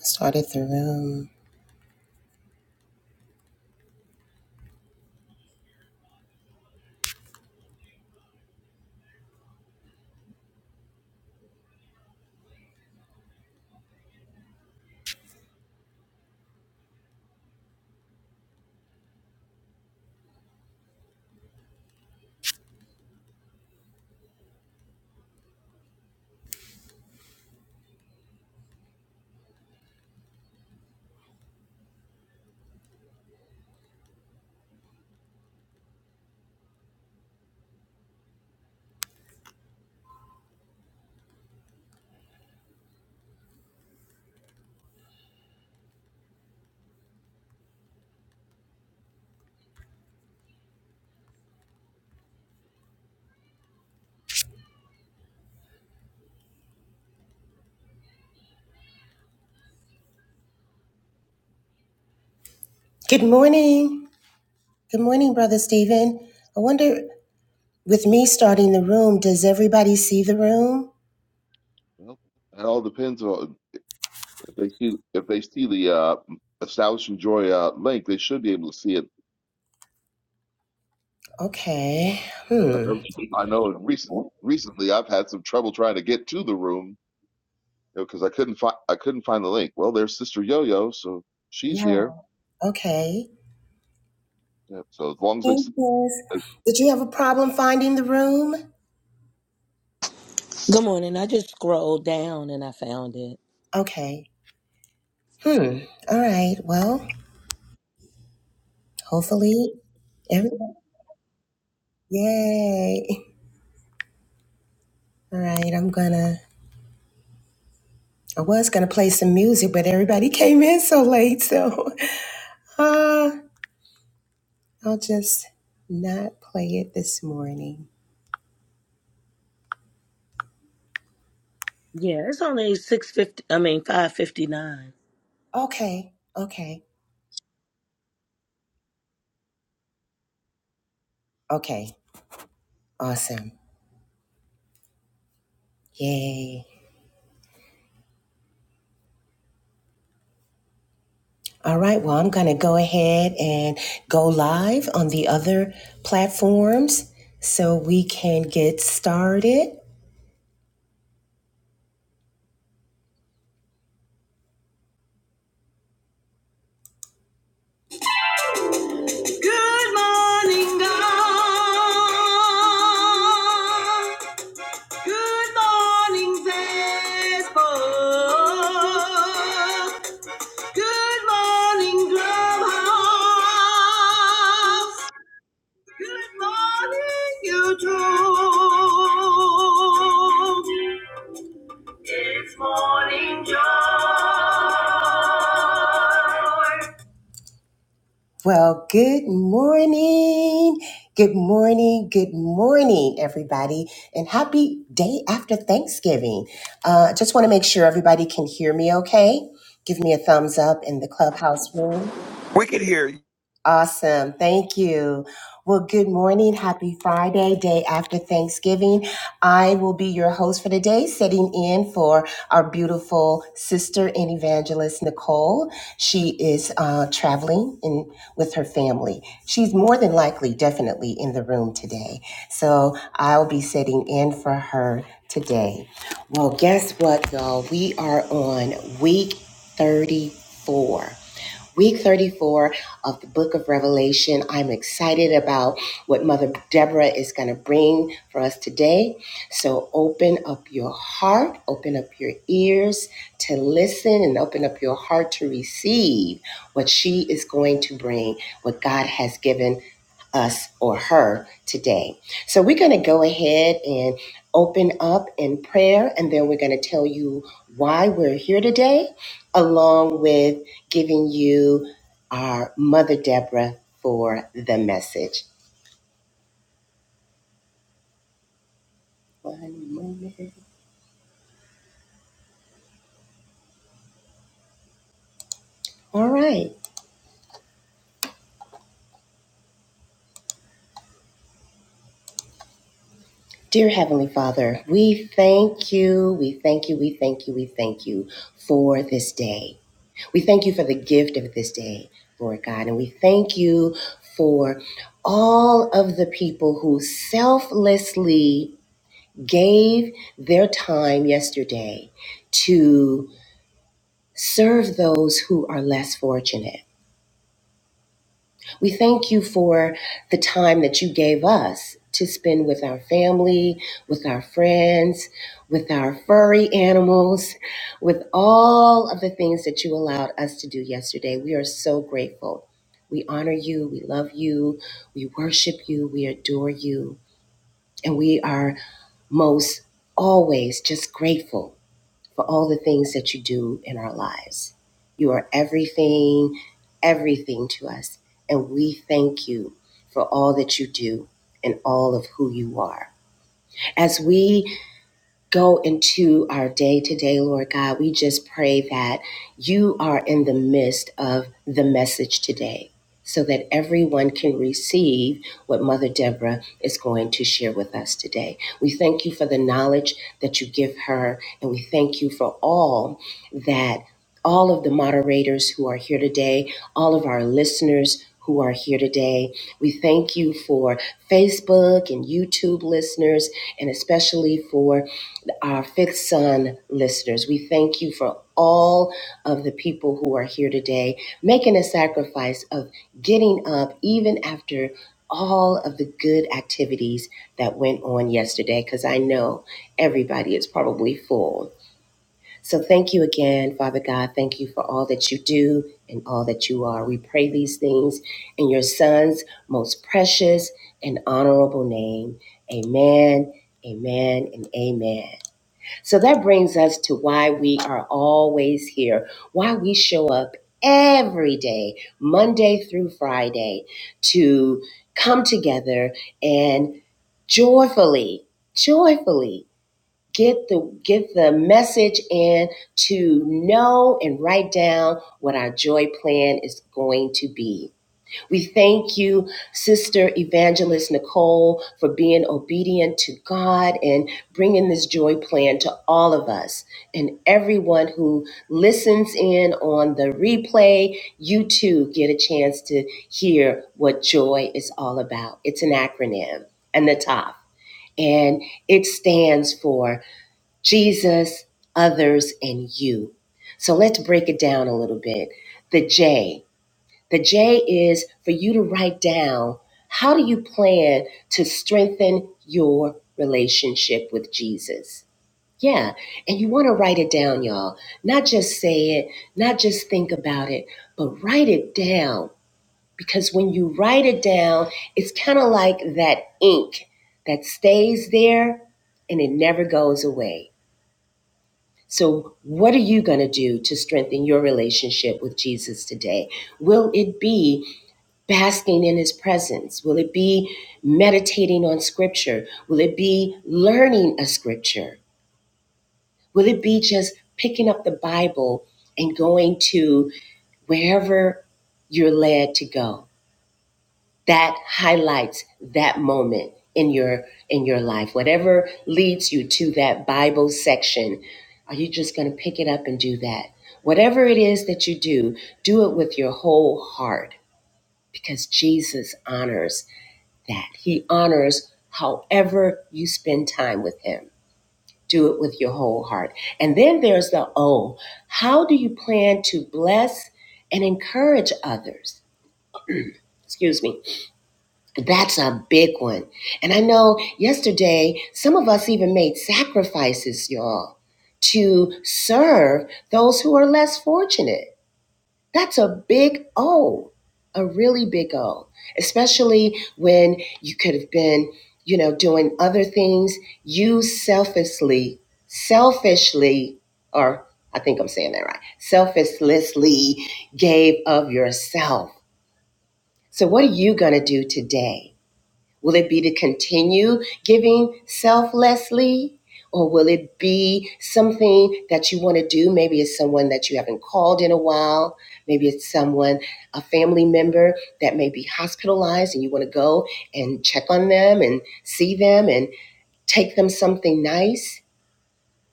Started the room. Good morning. Good morning, Brother Stephen. I wonder, with me starting the room, does everybody see the room? Well, it all depends on if they see if they see the uh, establishing joy uh, link, they should be able to see it. Okay. I Hmm. know, I know in recent recently I've had some trouble trying to get to the room because I couldn't find I couldn't find the link. Well, there's Sister Yo Yo, so she's Yeah. here. Okay. Yeah, so as long as they Hey, s- sis. uh, Did you have a problem finding the room? Good morning. I just scrolled down and I found it. Okay. Hmm. All right. Well, hopefully Everybody, yay! All right, I'm gonna. I was gonna play some music, but everybody came in so late, so Ah. I'll just not play it this morning. Yeah, it's only six fifty. I mean five fifty nine. Okay, okay, okay. Awesome. Yay. All right, well, I'm going to go ahead and go live on the other platforms so we can get started. Good morning, God. Good morning, Facebook. Good morning, Clubhouse. Good morning, YouTube. It's morning joy. Well, good morning. Good morning. Good morning, everybody. And happy day after Thanksgiving. Uh, just want to make sure everybody can hear me okay. Give me a thumbs up in the clubhouse room. We can hear you. Awesome. Thank you. Well, good morning. Happy Friday, day after Thanksgiving. I will be your host for today, sitting in for our beautiful sister and evangelist, Nicole. She is uh, traveling in, with her family. She's more than likely, definitely in the room today. So I'll be sitting in for her today. Well, guess what, y'all? We are on week 34 week 34 of the book of Revelation. I'm excited about what Mother Deborah is going to bring for us today. So open up your heart, open up your ears to listen, and open up your heart to receive what she is going to bring, what God has given us or her today. So we're going to go ahead and open up in prayer, and then we're going to tell you why we're here today, along with giving you our Mother Deborah for the message. One moment. All right. Dear Heavenly Father, we thank you, we thank you, we thank you, we thank you for this day. We thank you for the gift of this day, Lord God, and we thank you for all of the people who selflessly gave their time yesterday to serve those who are less fortunate. We thank you for the time that you gave us to spend with our family, with our friends, with our furry animals, with all of the things that you allowed us to do yesterday. We are so grateful. We honor you, we love you, we worship you, we adore you, and we are most always just grateful for all the things that you do in our lives. You are everything, everything to us. And we thank you for all that you do and all of who you are. As we go into our day today, Lord God. We just pray that you are in the midst of the message today so that everyone can receive what Mother Deborah is going to share with us today. We thank you for the knowledge that you give her, and we thank you for all that all of the moderators who are here today, all of our listeners. Who are here today. We thank you for Facebook and YouTube listeners, and especially for our Fifth Son listeners. We thank you for all of the people who are here today making a sacrifice of getting up even after all of the good activities that went on yesterday, because I know everybody is probably full. So thank you again, Father God. Thank you for all that you do and all that you are. We pray these things in your Son's most precious and honorable name. Amen, amen, and amen. So that brings us to why we are always here, why we show up every day, Monday through Friday, to come together and joyfully, joyfully get the get the message in to know and write down what our joy plan is going to be we thank you, Sister Evangelist Nicole, for being obedient to God and bringing this joy plan to all of us and everyone who listens in on the replay. You too get a chance to hear what joy is all about. It's an acronym, and the top, and it stands for Jesus, others, and you. So let's break it down a little bit. The J. The J is for you to write down how do you plan to strengthen your relationship with Jesus? Yeah, and you want to write it down, y'all. Not just say it, not just think about it, but write it down. Because when you write it down, it's kind of like that ink that stays there and it never goes away. So, what are you going to do to strengthen your relationship with Jesus today? Will it be basking in his presence? Will it be meditating on scripture? Will it be learning a scripture? Will it be just picking up the Bible and going to wherever you're led to go? That highlights that moment in your in your life. Whatever leads you to that Bible section, are you just going to pick it up and do that? Whatever it is that you do, do it with your whole heart because Jesus honors that he honors however you spend time with him. Do it with your whole heart. And then there's the O. How do you plan to bless and encourage others? Excuse me. That's a big one. And I know yesterday, some of us even made sacrifices, y'all, to serve those who are less fortunate. That's a big O, a really big O, especially when you could have been, you know, doing other things. You selfishly, selfishly, or I think I'm saying that right, selflessly gave of yourself. So, what are you going to do today? Will it be to continue giving selflessly? Or will it be something that you want to do? Maybe it's someone that you haven't called in a while. Maybe it's someone, a family member that may be hospitalized and you want to go and check on them and see them and take them something nice.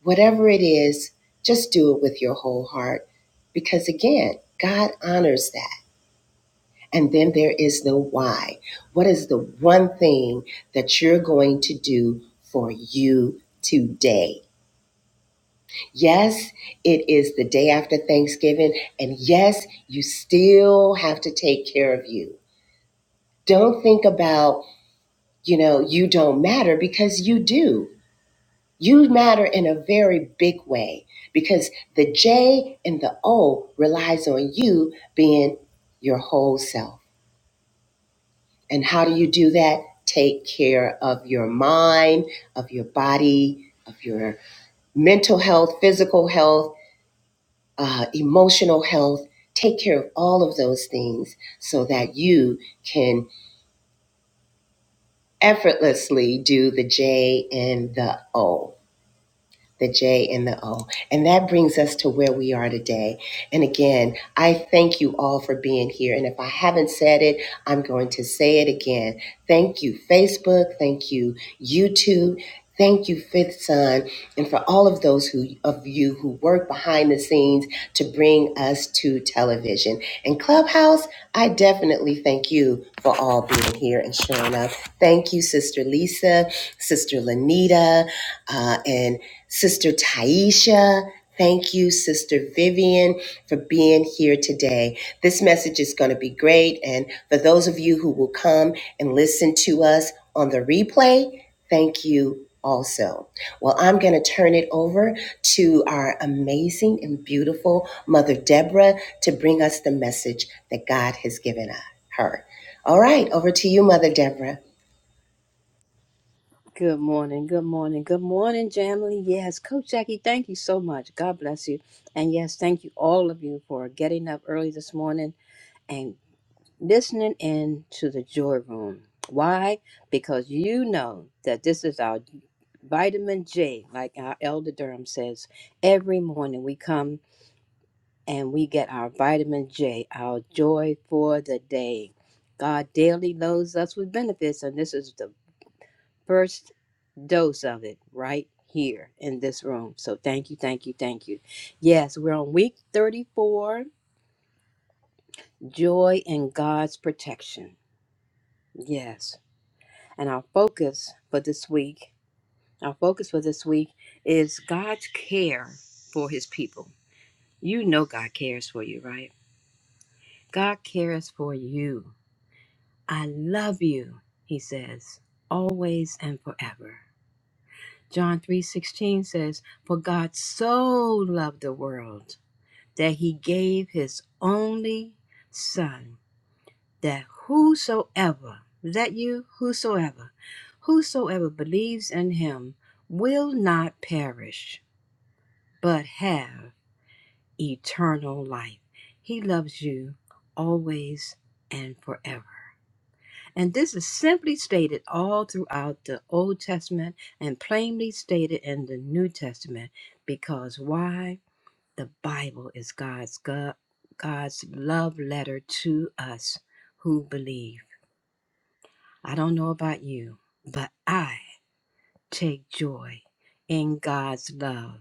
Whatever it is, just do it with your whole heart. Because again, God honors that. And then there is the why. What is the one thing that you're going to do for you today? Yes, it is the day after Thanksgiving. And yes, you still have to take care of you. Don't think about, you know, you don't matter because you do. You matter in a very big way because the J and the O relies on you being your whole self. And how do you do that? Take care of your mind, of your body, of your mental health, physical health, uh, emotional health. Take care of all of those things so that you can effortlessly do the J and the O. the J and the O. And that brings us to where we are today. And again, I thank you all for being here. And if I haven't said it, I'm going to say it again. Thank you, Facebook. Thank you, YouTube. Thank you, Fifth Son, and for all of those who of you who work behind the scenes to bring us to television. And Clubhouse, I definitely thank you for all being here and showing up. Thank you, Sister Lisa, Sister Lanita, uh, and Sister Taisha. Thank you, Sister Vivian, for being here today. This message is going to be great. And for those of you who will come and listen to us on the replay, thank you also. Well, I'm going to turn it over to our amazing and beautiful Mother Deborah to bring us the message that God has given her. All right, over to you, Mother Deborah. Good morning, good morning, good morning, Jamily. Yes, Coach Jackie, thank you so much. God bless you. And yes, thank you all of you for getting up early this morning and listening in to the joy room. Why? Because you know that this is our vitamin J, like our elder Durham says. Every morning we come and we get our vitamin J, our joy for the day. God daily loads us with benefits, and this is the first dose of it right here in this room. So thank you, thank you, thank you. Yes, we're on week 34 Joy in God's Protection. Yes. And our focus for this week, our focus for this week is God's care for his people. You know God cares for you, right? God cares for you. I love you, he says, always and forever. John 3:16 says, "For God so loved the world that he gave his only son, that whosoever, is that you, whosoever, whosoever believes in him will not perish, but have eternal life. He loves you always and forever. And this is simply stated all throughout the Old Testament and plainly stated in the New Testament. Because why? The Bible is God's God, God's love letter to us who believe. I don't know about you, but I take joy in God's love.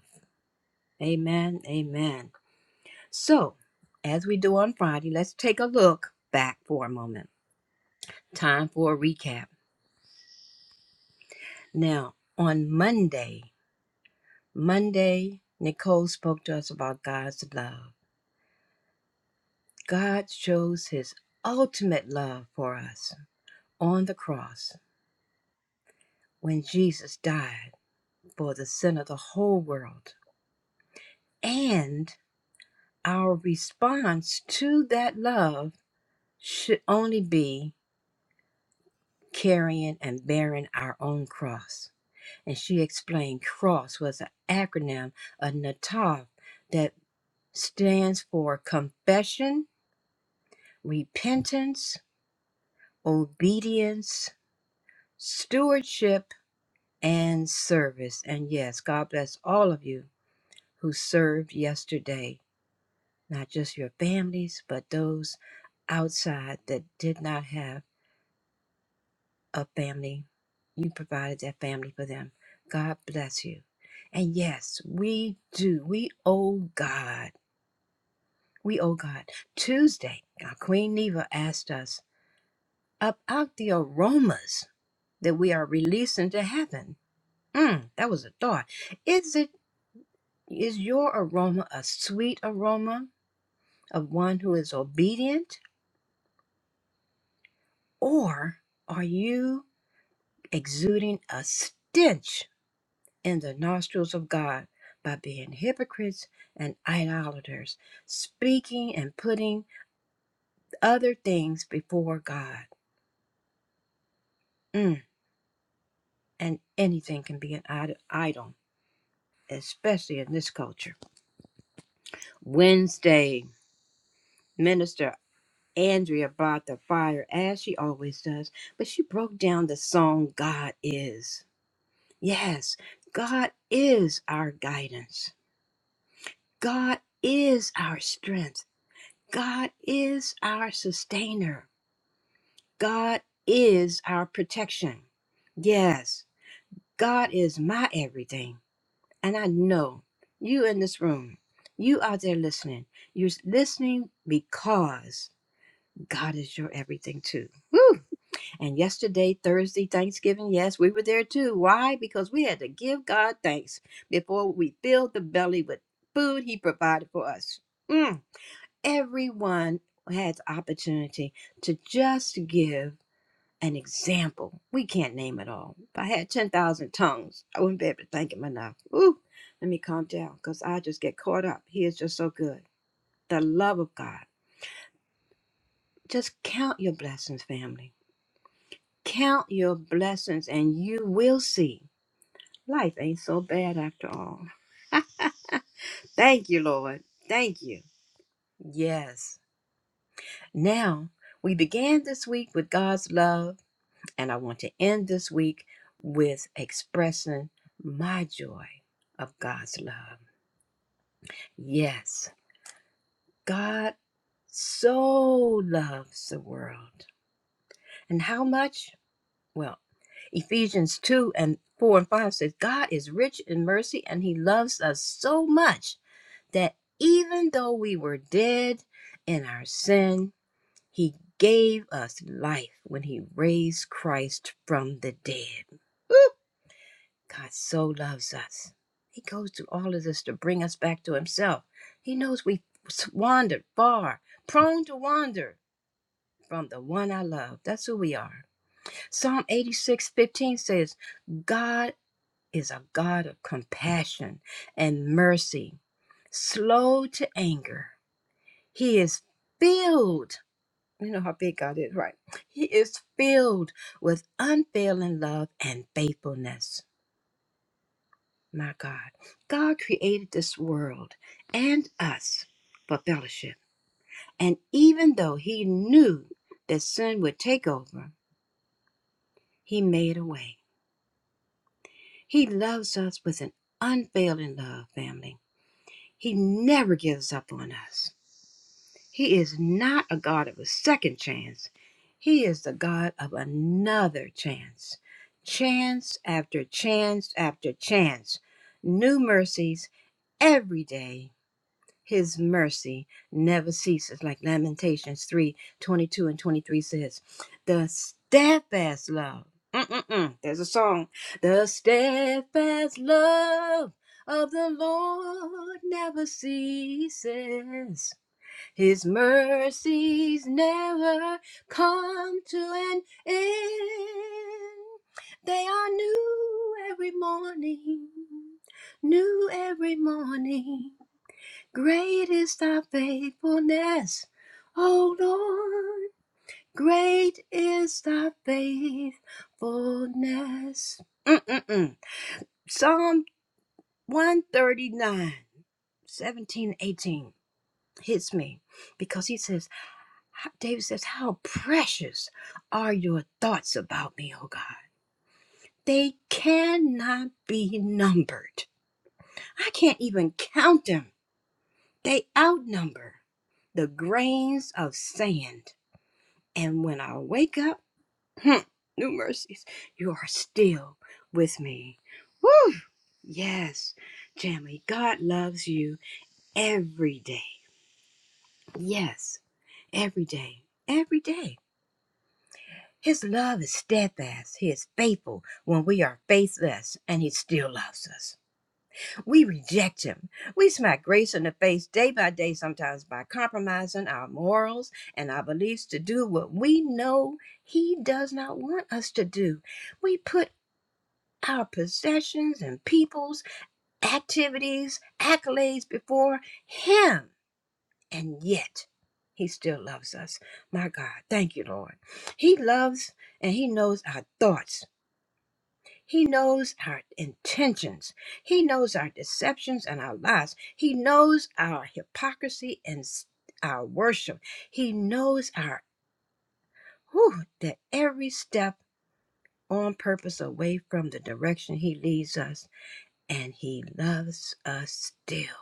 Amen. Amen. So, as we do on Friday, let's take a look back for a moment. Time for a recap. Now, on Monday, Monday, Nicole spoke to us about God's love. God shows his ultimate love for us on the cross when Jesus died for the sin of the whole world. And our response to that love should only be carrying and bearing our own cross. And she explained CROSS was an acronym of NATAV that stands for confession, repentance, obedience, stewardship, and service. And yes, God bless all of you who served yesterday not just your families, but those outside that did not have a family. You provided that family for them. God bless you. And yes, we do. We owe God. We owe God. Tuesday, our Queen Neva asked us about the aromas that we are releasing to heaven. Mm, that was a thought. Is it is your aroma a sweet aroma of one who is obedient, or are you? exuding a stench in the nostrils of God by being hypocrites and idolaters, speaking and putting other things before God. Mm, and anything can be an id- idol, especially in this culture. Wednesday, Minister Andrea brought the fire as she always does, but she broke down the song God is. Yes, God is our guidance. God is our strength. God is our sustainer. God is our protection. Yes, God is my everything. And I know you in this room, you out there listening, you're listening because God is your everything too. Woo! And yesterday, Thursday, Thanksgiving, yes, we were there too. Why? Because we had to give God thanks before we filled the belly with food He provided for us. Mm. everyone has opportunity to just give an example. We can't name it all. If I had 10,000 tongues, I wouldn't be able to thank him enough. Ooh, let me calm down because I just get caught up. He is just so good. The love of God. Just count your blessings, family. Count your blessings and you will see. Life ain't so bad after all. Thank you, Lord. Thank you. Yes. Now, we began this week with God's love And I want to end this week with expressing my joy of God's love. Yes, God so loves the world. And how much? Well, Ephesians 2 and 4 and 5 says, God is rich in mercy and he loves us so much that even though we were dead in our sin, he gave us life when he raised Christ from the dead. Woo! God so loves us. He goes through all of this to bring us back to Himself. He knows we wandered far, prone to wander from the one I love. That's who we are. Psalm 86, 15 says, God is a God of compassion and mercy, slow to anger. He is filled, you know how big God is, right? He is filled with unfailing love and faithfulness. my God. God created this world and us for fellowship. And even though he knew that sin would take over, he made a way. He loves us with an unfailing love, family. He never gives up on us. He is not a God of a second chance. He is the God of another chance. Chance after chance after chance. New mercies every day His mercy never ceases, like Lamentations 3 22 and 23 says. The steadfast love, mm-mm-mm, there's a song. The steadfast love of the Lord never ceases. His mercies never come to an end. They are new every morning, new every morning. Great is thy faithfulness, O Lord. Great is thy faithfulness. Mm-mm-mm. Psalm one thirty nine, seventeen, eighteen hits me because he says, David says, How precious are your thoughts about me, O God. They cannot be numbered. I can't even count them. They outnumber the grains of sand. And when I wake up, hmm, new mercies, you are still with me. Woo! Yes, Jamie, God loves you every day. Yes, every day, every day. His love is steadfast. He is faithful when we are faithless, and He still loves us. We reject him. We smack grace in the face day by day, sometimes by compromising our morals and our beliefs to do what we know he does not want us to do. We put our possessions and people's activities, accolades before him, and yet he still loves us. My God, thank you, Lord. He loves and he knows our thoughts. He knows our intentions. He knows our deceptions and our lies. He knows our hypocrisy and s- our worship. He knows our whew, that every step on purpose away from the direction he leads us, and he loves us still.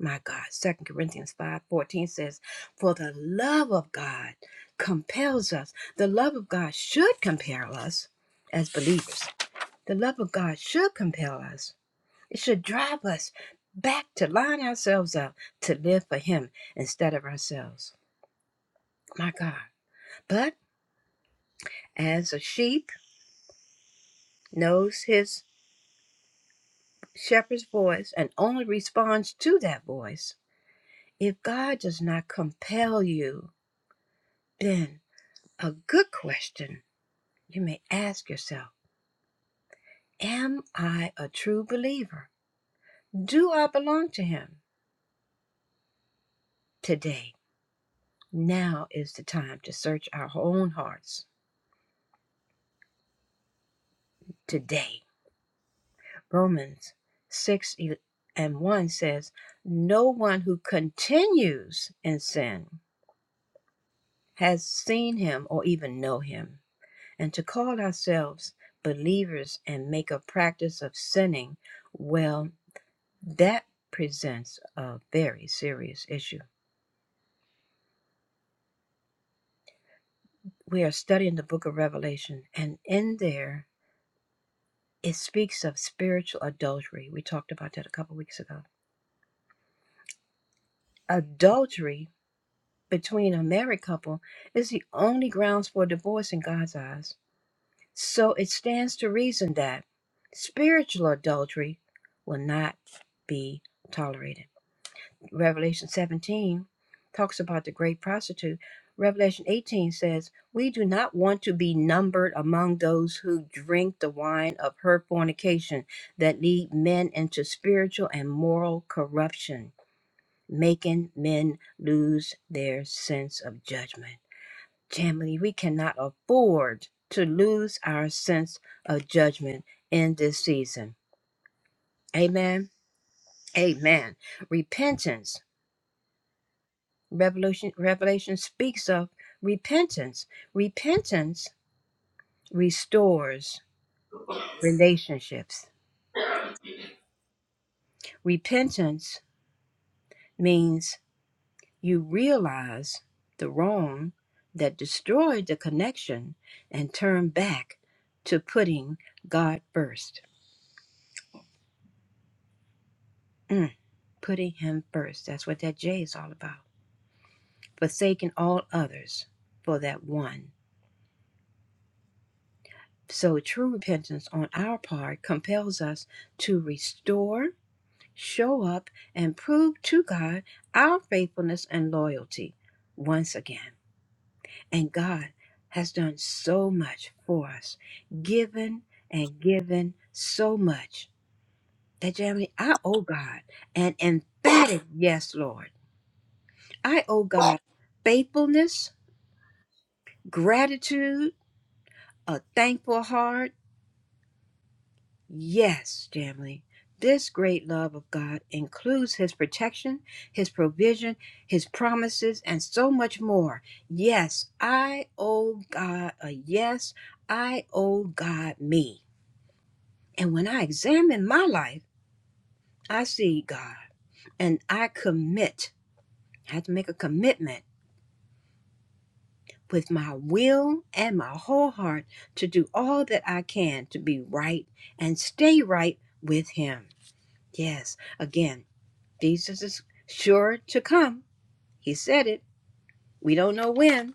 My God, Second Corinthians 5:14 says, "For the love of God compels us. The love of God should compel us as believers. The love of God should compel us It should drive us back to line ourselves up to live for Him instead of ourselves. My God. But as a sheep knows his shepherd's voice and only responds to that voice, if God does not compel you, then a good question you may ask yourself Am I a true believer? Do I belong to Him? Today, now is the time to search our own hearts. Today. Romans 6 e- and 1 says, No one who continues in sin has seen him or even know him. And to call ourselves believers and make a practice of sinning, well, that presents a very serious issue. We are studying the book of Revelation, and in there it speaks of spiritual adultery. We talked about that a couple weeks ago. Adultery between a married couple is the only grounds for divorce in God's eyes. So it stands to reason that spiritual adultery will not be tolerated. Revelation 17 talks about the great prostitute. Revelation 18 says, We do not want to be numbered among those who drink the wine of her fornication that lead men into spiritual and moral corruption, making men lose their sense of judgment. Family, we cannot afford to lose our sense of judgment in this season. Amen. Amen. Repentance. Revelation. Revelation speaks of repentance. Repentance restores relationships. Repentance means you realize the wrong that destroyed the connection and turn back to putting God first. Mm, putting Him first. That's what that J is all about. Forsaking all others for that one. So, true repentance on our part compels us to restore, show up, and prove to God our faithfulness and loyalty once again. And God has done so much for us, given and given so much that, Jeremy, I owe God an emphatic yes, Lord. I owe God faithfulness Gratitude, a thankful heart. Yes, Jamily. This great love of God includes His protection, His provision, His promises, and so much more. Yes, I owe God a yes. I owe God me. And when I examine my life, I see God and I commit. I have to make a commitment with my will and my whole heart to do all that I can to be right and stay right with Him. Yes, again, Jesus is sure to come. He said it. We don't know when,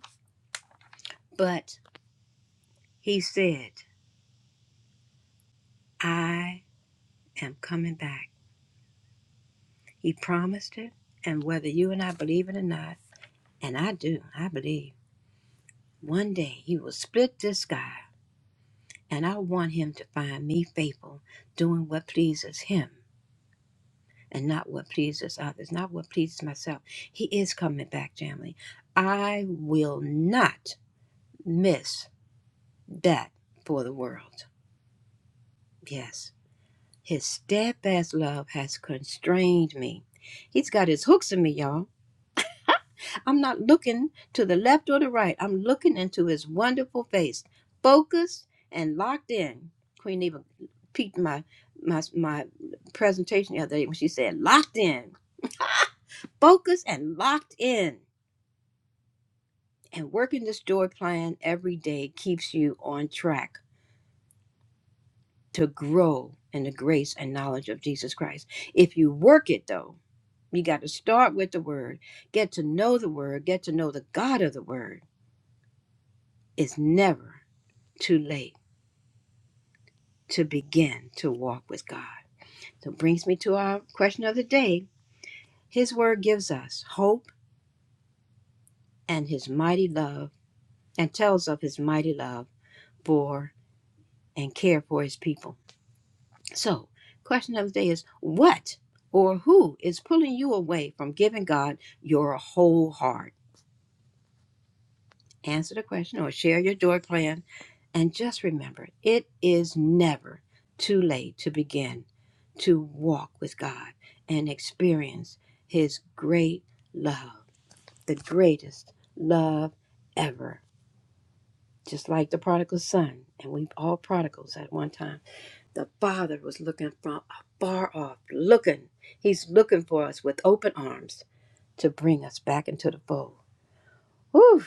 but He said, I am coming back. He promised it. And whether you and I believe it or not, and I do, I believe, one day He will split this sky. And I want Him to find me faithful, doing what pleases Him and not what pleases others, not what pleases myself. He is coming back, family. I will not miss that for the world. Yes. His steadfast love has constrained me. He's got his hooks in me, y'all. I'm not looking to the left or the right. I'm looking into his wonderful face, focused and locked in. Queen Eva peeked my my my presentation the other day when she said locked in, focused and locked in. And working this door plan every day keeps you on track to grow in the grace and knowledge of Jesus Christ. If you work it though, you got to start with the word, get to know the word, get to know the God of the word. It's never too late to begin to walk with God. So brings me to our question of the day. His word gives us hope and his mighty love and tells of his mighty love for and care for his people. So, question of the day is what or who is pulling you away from giving God your whole heart? Answer the question or share your joy plan. And just remember, it is never too late to begin to walk with God and experience His great love, the greatest love ever. Just like the prodigal son, and we all prodigals at one time. The Father was looking from afar off, looking. He's looking for us with open arms to bring us back into the fold. Whew!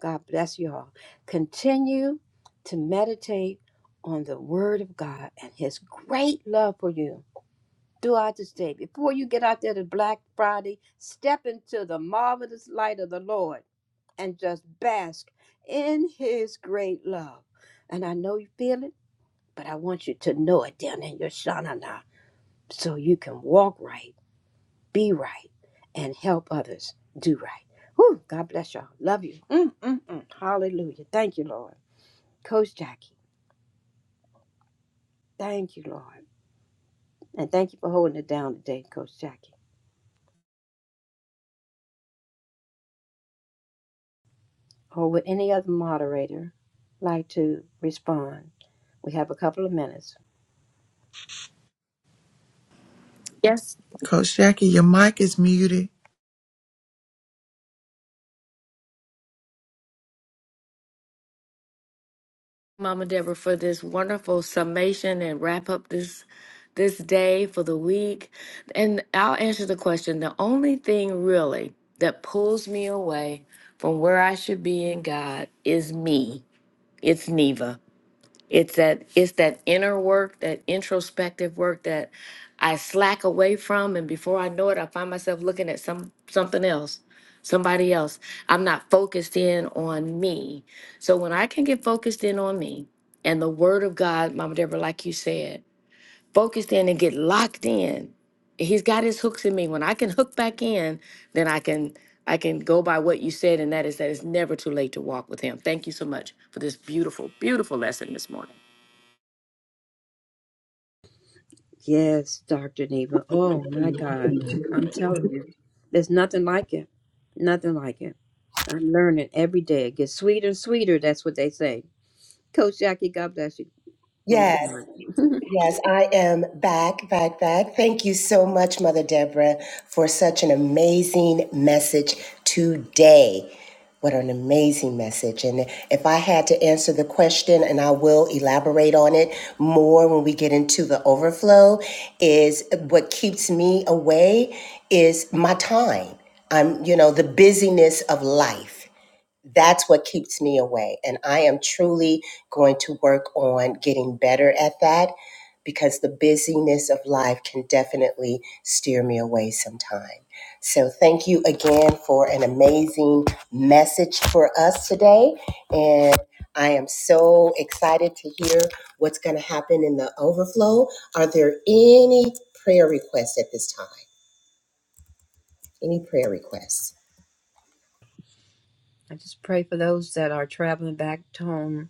God bless you all. Continue to meditate on the Word of God and His great love for you throughout this day. Before you get out there to Black Friday, step into the marvelous light of the Lord and just bask in His great love. And I know you feel it, but I want you to know it down in your shanana so you can walk right, be right, and help others do right. Whew, God bless y'all. Love you. Mm, mm, mm. Hallelujah. Thank you, Lord. Coach Jackie, thank you, Lord. And thank you for holding it down today, Coach Jackie. Or would any other moderator like to respond? We have a couple of minutes. Yes, Coach Jackie, your mic is muted. Mama Deborah, for this wonderful summation and wrap up this this day for the week. And I'll answer the question. The only thing really that pulls me away from where I should be in God is me. It's Neva. It's that it's that inner work, that introspective work that I slack away from, and before I know it, I find myself looking at some something else, somebody else. I'm not focused in on me. So when I can get focused in on me and the Word of God, Mama Deborah, like you said, focused in and get locked in. He's got his hooks in me. When I can hook back in, then I can I can go by what you said, and that is that it's never too late to walk with Him. Thank you so much for this beautiful, beautiful lesson this morning. Yes, Dr. Neva. Oh, my God. I'm telling you, there's nothing like it. Nothing like it. I'm learning every day. It gets sweeter and sweeter. That's what they say. Coach Jackie, God bless you, woman Yes. of God. Yes, I am back, back, back. Thank you so much, Mother Deborah, for such an amazing message today. What an amazing message. And if I had to answer the question, and I will elaborate on it more when we get into the overflow, is what keeps me away is my time. I'm, you know, the busyness of life that's what keeps me away. And I am truly going to work on getting better at that because the busyness of life can definitely steer me away sometime. So, thank you again for an amazing message for us today. And I am so excited to hear what's going to happen in the overflow. Are there any prayer requests at this time? Any prayer requests? I just pray for those that are traveling back home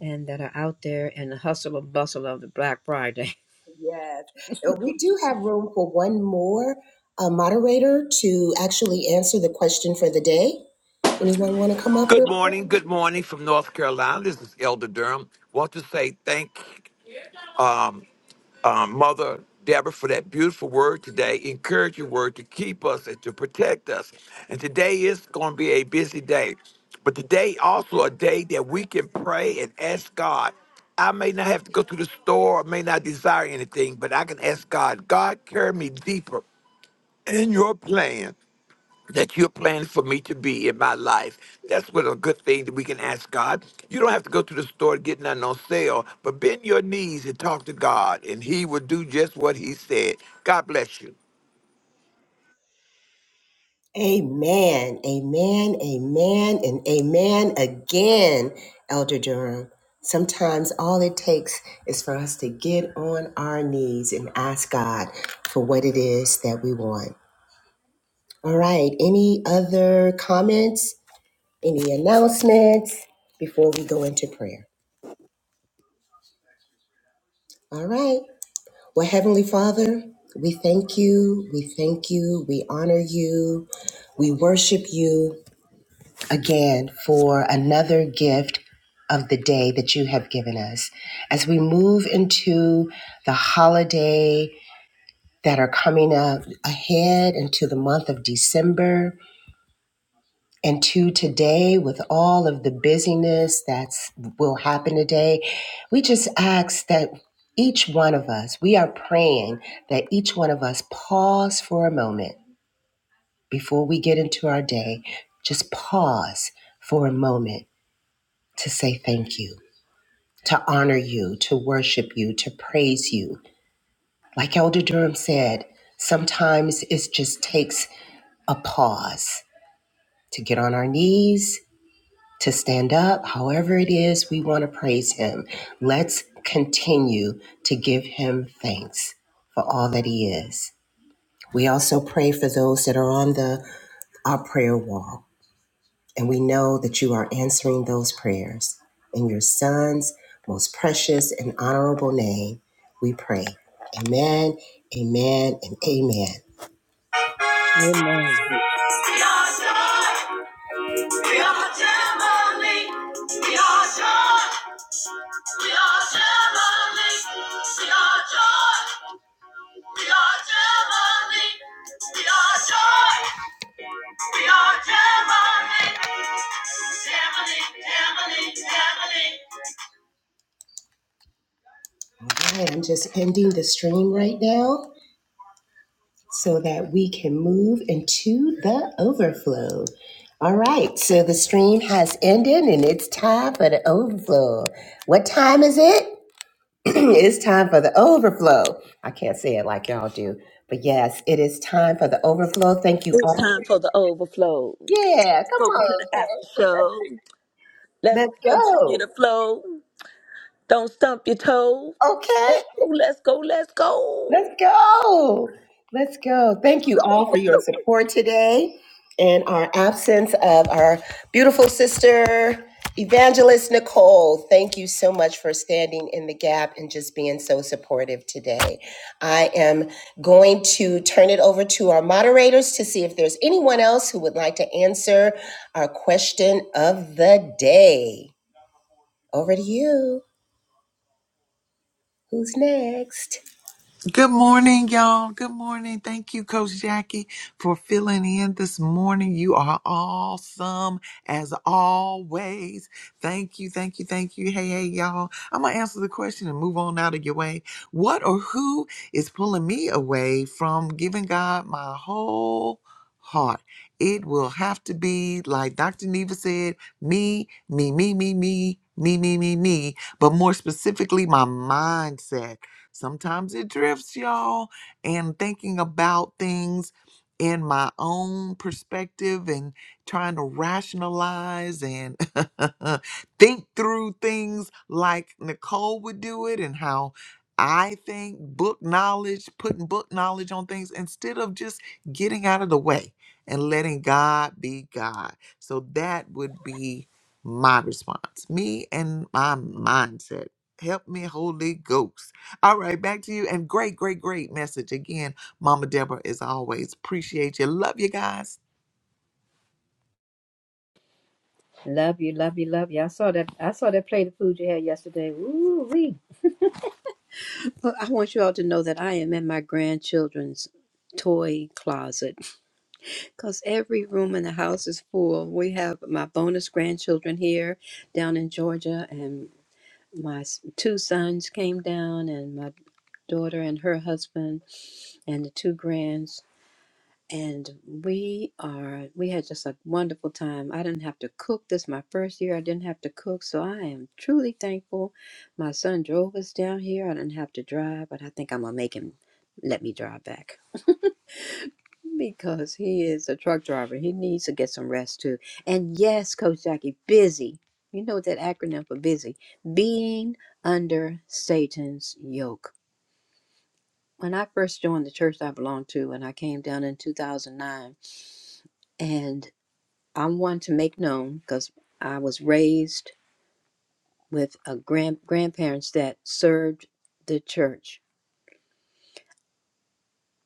and that are out there in the hustle and bustle of the Black Friday. Yes. Uh, We do have room for one more uh, moderator to actually answer the question for the day. Anyone want to come up real Good quick? morning. Good morning from North Carolina. This is Elder Durham. Want to say thank uh, Mother Deborah for that beautiful word today. Encourage your word to keep us and to protect us. And today is going to be a busy day, but today also a day that we can pray and ask God. I may not have to go to the store, I may not desire anything, but I can ask God, God, carry me deeper in your plan. that you're planning for me to be in my life. That's what a good thing that we can ask God. You don't have to go to the store to get nothing on sale, but bend your knees and talk to God, and He will do just what He said. God bless you. Amen, amen, amen, and amen again, Elder Durham. Sometimes all it takes is for us to get on our knees and ask God for what it is that we want. All right, any other comments, any announcements before we go into prayer? All right. Well, Heavenly Father, we thank you, we thank you, we honor you, we worship you again for another gift of the day that you have given us. As we move into the holiday that are coming up ahead into the month of December, and to today with all of the busyness that will happen today we just ask that each one of us we are praying that each one of us pause for a moment before we get into our day just pause for a moment to say thank you to honor you to worship you to praise you like elder durham said sometimes it just takes a pause to get on our knees to stand up, however it is we want to praise him. Let's continue to give him thanks for all that he is. We also pray for those that are on the our prayer wall, and we know that you are answering those prayers. In your son's most precious and honorable name, we pray. Amen, amen, and amen. Amen. We are joy. We are family. We are joy. We are Gemini. We are joy. We are Gemini. We are joy. We are Gemini. Gemini, Gemini, Gemini. All right, I'm just ending the stream right now so that we can move into the overflow. All right, so the stream has ended and it's time for the overflow. What time is it? it's time for the overflow. I can't say it like y'all do, but yes, it is time for the overflow. Thank you It's all. time for the overflow. Yeah, come Over to the on. after show. Let's Let's continue go. the flow. Don't stump your toe. Okay. Let's go. Let's go. Let's Let's go go. Let's go. Thank to you the all for your overflow. support today and our absence of our beautiful sister, Evangelist Nicole. Thank you so much for standing in the gap and just being so supportive today. I am going to turn it over to our moderators to see if there's anyone else who would like to answer our question of the day. Over to you. Who's next? Good morning, y'all. Good morning. Thank you, Coach Jackie, for filling in this morning. You are awesome as always. Thank you, thank you, thank you. Hey, hey, y'all. I'm going to answer the question and move on out of your way. What or who is pulling me away from giving God my whole heart? It will have to be, like Dr. Neva said, me, me, me, me, me, me, me, me, me, but more specifically, my mindset Sometimes it drifts, y'all. And thinking about things in my own perspective and trying to rationalize and think through things like Nicole would do it and how I think book knowledge, putting book knowledge on things instead of just getting out of the way and letting God be God. So that would be my response. Me and my mindset. Help me, Holy Ghost. All right, back to you. And great, great, great message again, Mama Deborah. As always, appreciate you. Love you guys. Love you, love you, love you. I saw that. I saw that plate of food you had yesterday. Ooh wee. Well, I want you all to know that I am in my grandchildren's toy closet because every room in the house is full. We have my bonus grandchildren here down in Georgia, and my s- two sons came down, and my daughter and her husband and the two grands and we are we had just a wonderful time i didn't have to cook this my first year i didn't have to cook so i am truly thankful my son drove us down here i didn't have to drive but i think i'm gonna make him let me drive back because he is a truck driver he needs to get some rest too and yes coach jackie busy you know what that acronym for busy being under satan's yoke when I first joined the church I belonged to, and I came down in 2009, and I'm one to make known because I was raised with a grand grandparents that served the church.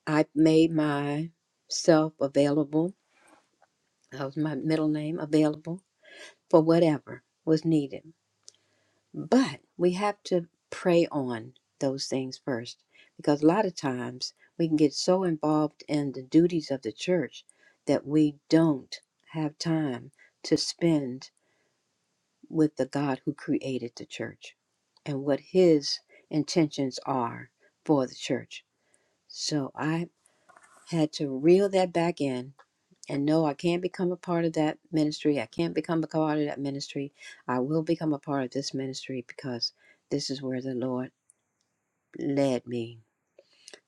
I made myself available. That was my middle name available for whatever was needed. But we have to pray on those things first because a lot of times we can get so involved in the duties of the church that we don't have time to spend with the God who created the church and what his intentions are for the church. So I had to reel that back in and no, I can't become a part of that ministry. I can't become a part of that ministry. I will become a part of this ministry because this is where the Lord led me.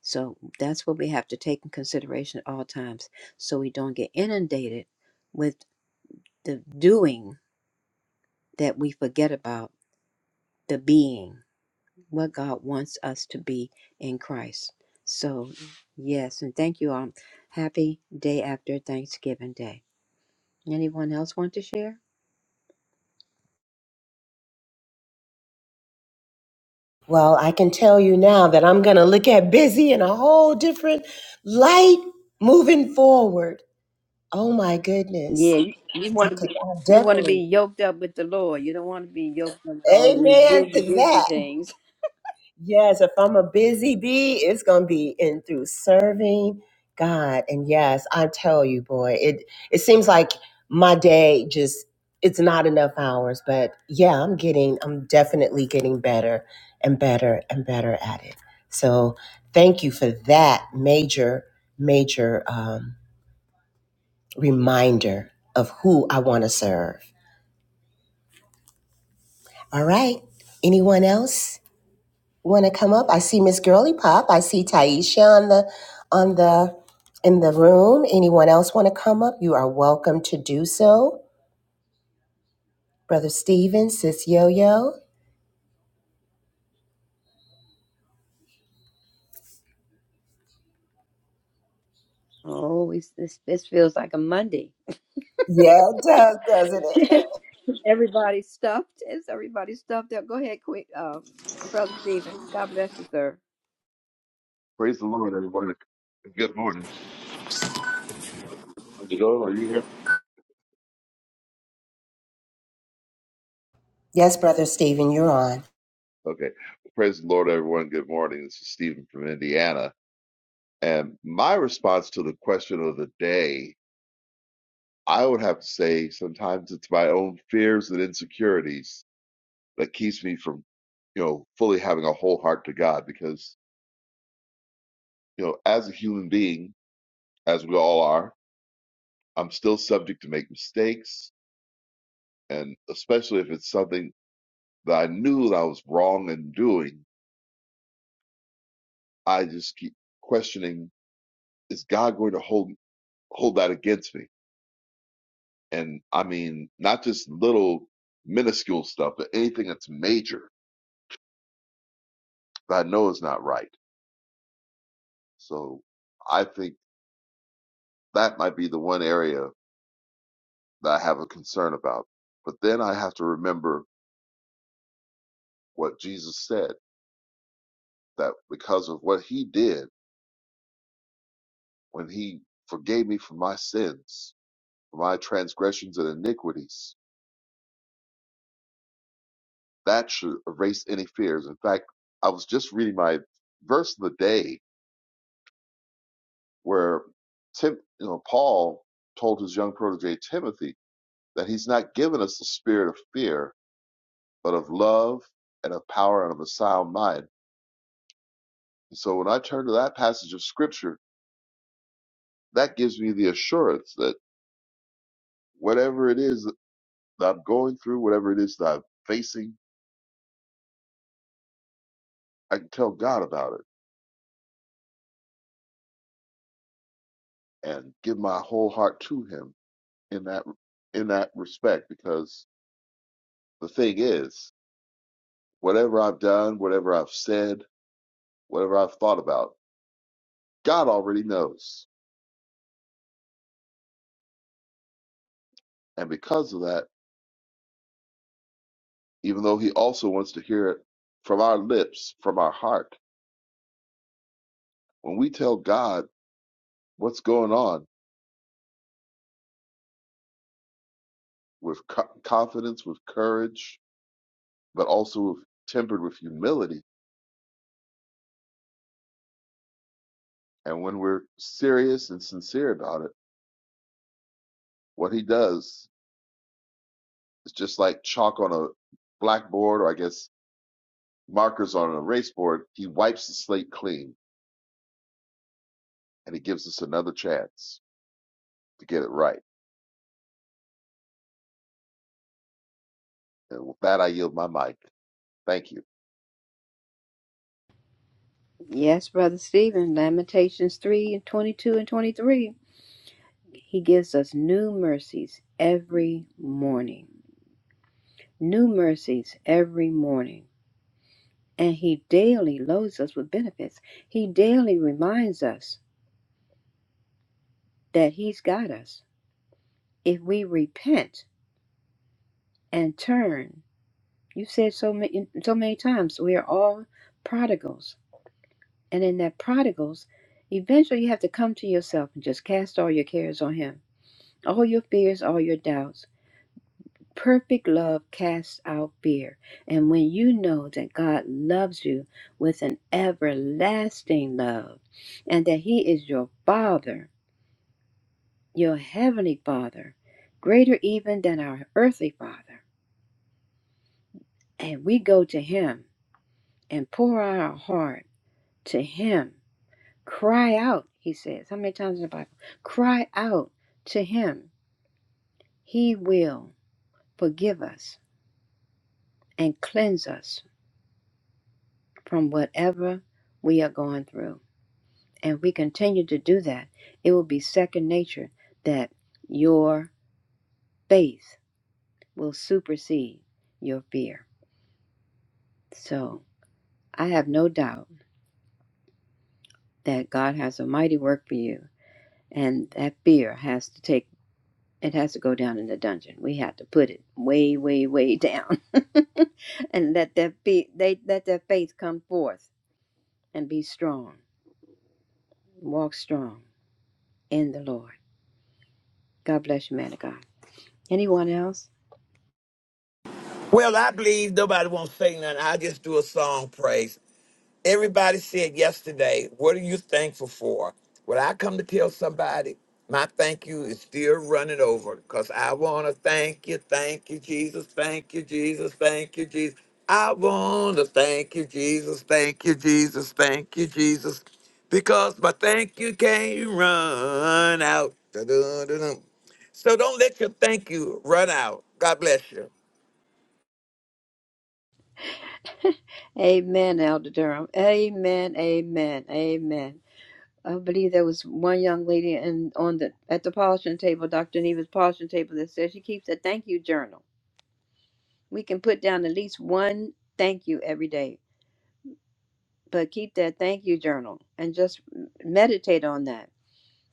So that's what we have to take in consideration at all times so we don't get inundated with the doing that we forget about the being, what God wants us to be in Christ. So, yes, and thank you all. Happy day after Thanksgiving Day. Anyone else want to share? Well, I can tell you now that I'm going to look at busy in a whole different light moving forward. Oh my Yeah, goodness. you, you I want to could be I you want to definitely. be yoked up with the Lord. You don't want to be yoked up with all these Amen busy, to busy that. things. Yes, if I'm a busy bee, it's gonna be in through serving God. And yes, I tell you, boy, it it seems like my day just it's not enough hours, but yeah, I'm getting I'm definitely getting better and better and better at it. So thank you for that major, major um, reminder of who I want to serve. All right. Anyone else? want to come up. I see Miss Girly Pop. I see Taisha on the on the in the room. Anyone else want to come up? You are welcome to do so. Brother Stephen. Sis Yo Yo. Oh, it's, this this feels like a Monday. Yeah, it does, doesn't it? Everybody's stuffed. Is everybody stuffed up? Go ahead, quick, um, brother Stephen. God bless you, sir. praise the Lord, everyone. Good morning. Sister Yo, are you here? Yes, Brother Stephen, you're on. Okay. Praise the Lord, everyone. Good morning. This is Stephen from Indiana, and my response to the question of the day I would have to say sometimes it's my own fears and insecurities that keeps me from, you know, fully having a whole heart to God because, you know, as a human being, as we all are, I'm still subject to make mistakes. And especially if it's something that I knew that I was wrong in doing, I just keep questioning, is God going to hold hold that against me? And I mean, not just little minuscule stuff, but anything that's major that I know is not right So I think that might be the one area that I have a concern about. But then I have to remember what Jesus said that because of what he did when he forgave me for my sins, for my transgressions and iniquities, that should erase any fears. In fact, I was just reading my verse of the day where Tim, you know, Paul told his young protege Timothy that he's not given us the spirit of fear, but of love and of power and of a sound mind And so when I turn to that passage of scripture, that gives me the assurance that whatever it is that I'm going through, whatever it is that I'm facing, I can tell God about it and give my whole heart to him in that in that respect because the thing is, whatever I've done, whatever I've said, whatever I've thought about, God already knows. And because of that, even though he also wants to hear it from our lips, from our heart, when we tell God what's going on, with co- confidence, with courage, but also with, tempered with humility. And when we're serious and sincere about it, what he does is just like chalk on a blackboard, or I guess markers on an erase board, he wipes the slate clean and he gives us another chance to get it right. And with that, I yield my mic. Thank you. Yes, brother Stephen. Lamentations three and twenty two and twenty three. He gives us new mercies every morning. New mercies every morning. and he daily loads us with benefits. He daily reminds us that he's got us. If we repent and turn, you said so many, so many times, we are all prodigals. And in that prodigals, eventually you have to come to yourself and just cast all your cares on him, all your fears, all your doubts. Perfect love casts out fear. And when you know that God loves you with an everlasting love and that he is your father, your heavenly Father, greater even than our earthly Father. And we go to Him and pour out our heart to Him. Cry out, He says. How many times in the Bible? Cry out to Him. He will forgive us and cleanse us from whatever we are going through. And we continue to do that. It will be second nature that your faith will supersede your fear. So I have no doubt that God has a mighty work for you, and that fear has to take it has to go down in the dungeon. We have to put it way, way, way down, and let that be they let that faith come forth and be strong. Walk strong in the Lord. God bless you, man of God. Anyone else? Well, I believe nobody won't say nothing. I just do a song praise. Everybody said yesterday, what are you thankful for? When I come to tell somebody, my thank you is still running over because I want to thank you, thank you, Jesus, thank you, Jesus, thank you, Jesus. I want to thank you, Jesus, thank you, Jesus, thank you, Jesus, because my thank you can't run out. Da-dun-dun-dun. So don't let your thank you run out. God bless you. Amen, Elder Durham. Amen, amen, amen. I believe there was one young lady in on the at the polishing table, Dr. Neva's polishing table, that said she keeps a thank you journal We can put down at least one thank you every day, but keep that thank you journal and just m- meditate on that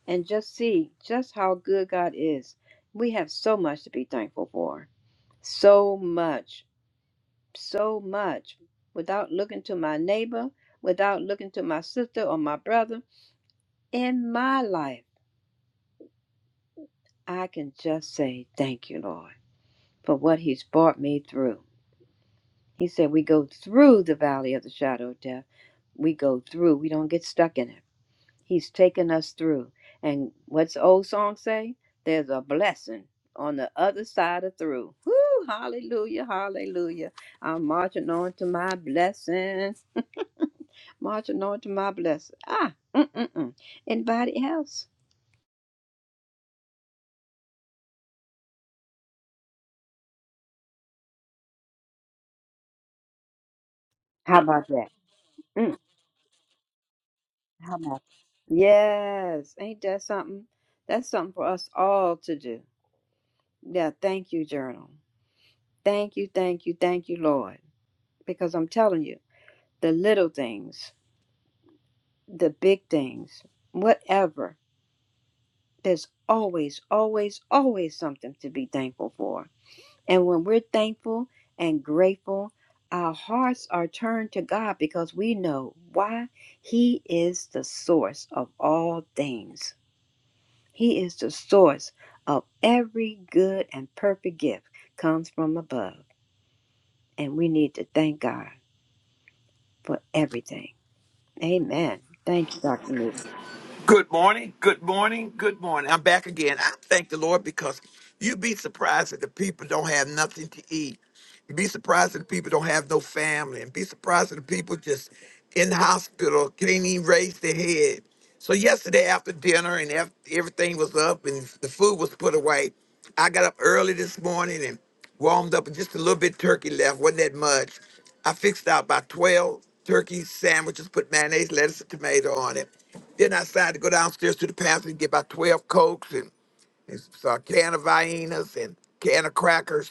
and just see just how good God is. We have so much to be thankful for. So much, so much. Without looking to my neighbor, without looking to my sister or my brother, in my life, I can just say thank you, Lord, for what He's brought me through. He said, We go through the valley of the shadow of death. We go through. We don't get stuck in it. He's taken us through. And what's the old song say? There's a blessing on the other side of through. Woo, hallelujah, hallelujah. I'm marching on to my blessing. Marching on to my blessing. Ah, mm-mm-mm. Anybody else? How about that? Mm, how about Yes, ain't that something? That's something for us all to do. Yeah, thank you, Journal. Thank you, thank you, thank you, Lord. Because I'm telling you, the little things, the big things, whatever, there's always, always, always something to be thankful for. And when we're thankful and grateful, our hearts are turned to God because we know why He is the source of all things. He is the source of every good and perfect gift comes from above. And we need to thank God for everything. Amen. Thank you, Dr. Newsom. Good morning, good morning, good morning. I'm back again. I thank the Lord because you'd be surprised that the people don't have nothing to eat. Be surprised that the people don't have no family. And be surprised that the people just in the hospital can't even raise their head. So yesterday after dinner and af- everything was up and the food was put away, I got up early this morning and warmed up and just a little bit turkey left. Wasn't that much. I fixed out about 12 turkey sandwiches, put mayonnaise, lettuce, and tomato on it. Then I decided to go downstairs to the pantry and get about 12 Cokes and, and a can of Viennas and can of crackers.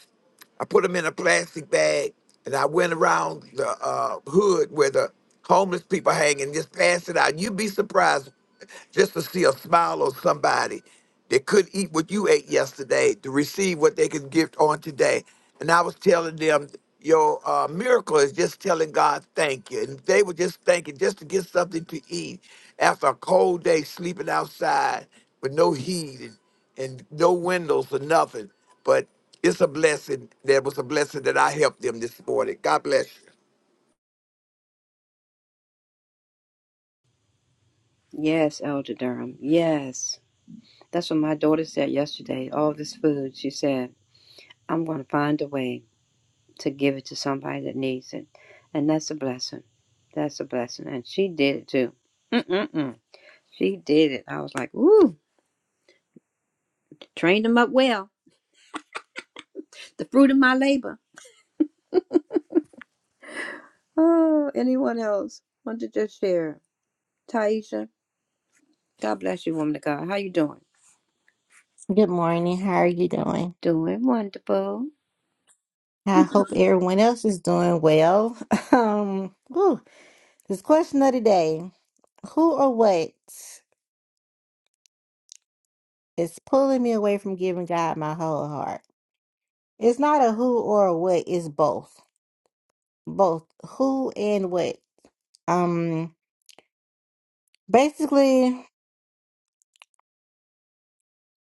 I put them in a plastic bag, and I went around the uh, hood where the homeless people hang and just pass it out. You'd be surprised just to see a smile on somebody that could eat what you ate yesterday to receive what they could give on today. And I was telling them, your uh, miracle is just telling God thank you. And they were just thanking just to get something to eat after a cold day sleeping outside with no heat and, and no windows or nothing. But it's a blessing. There was a blessing that I helped them this morning. God bless you. Yes, Elder Durham. Yes. That's what my daughter said yesterday. All this food, she said, I'm going to find a way to give it to somebody that needs it. And that's a blessing. That's a blessing. And she did it too. Mm-mm-mm. She did it. I was like, ooh, trained them up well. The fruit of my labor. Oh, anyone else want to just share? Taisha, God bless you, woman of God. How you doing? Good morning. How are you doing? Doing wonderful. I hope everyone else is doing well. Um, whew, this question of the day, who or what is pulling me away from giving God my whole heart? It's not a who or a what, it's both. Both who and what. Um, basically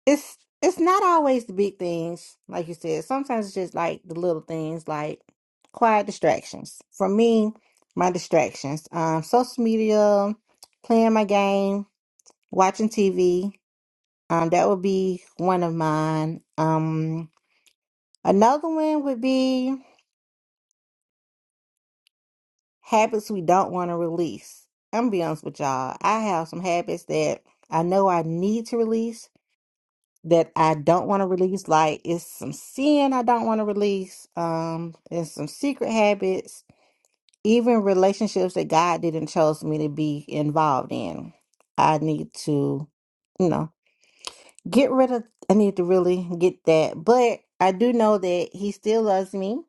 it's it's not always the big things, like you said. Sometimes it's just like the little things, like quiet distractions. For me, my distractions, um, social media, playing my game, watching TV. Um, that would be one of mine. Um, another one would be habits we don't want to release. I'm gonna be honest with y'all. I have some habits that I know I need to release, that I don't want to release. Like it's some sin I don't want to release. Um, and some secret habits, even relationships that God didn't chose me to be involved in. I need to, you know, get rid of. I need to really get that. But I do know that He still loves me.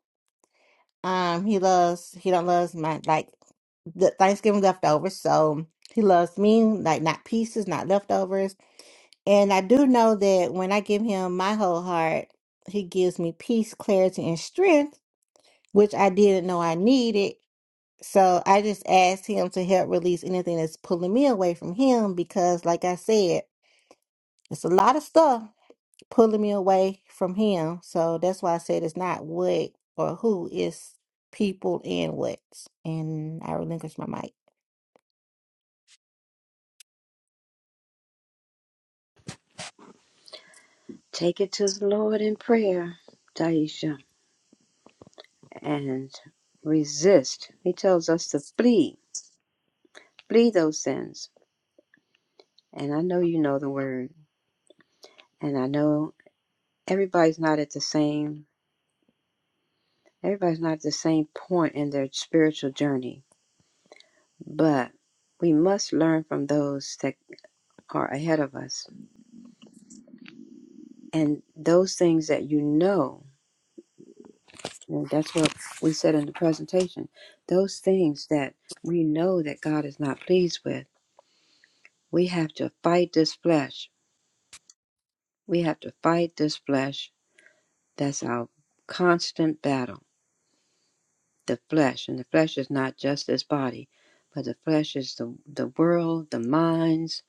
Um, He loves. He don't loves my like the Thanksgiving leftovers. So He loves me like not pieces, not leftovers and I do know that when I give him my whole heart, he gives me peace, clarity, and strength, which I didn't know I needed. So I just asked him to help release anything that's pulling me away from him because, like I said, it's a lot of stuff pulling me away from him. So that's why I said it's not what or who, it's people and what. And I relinquish my mic. Take it to the Lord in prayer, Daisha, and resist. He tells us to flee, flee those sins. And I know you know the word, and I know everybody's not at the same, everybody's not at the same point in their spiritual journey, but we must learn from those that are ahead of us and those things that you know. And that's what we said in the presentation. Those things that we know that God is not pleased with we have to fight this flesh. We have to fight this flesh. That's our constant battle. The flesh, and the flesh is not just this body, but the flesh is the the world, the minds,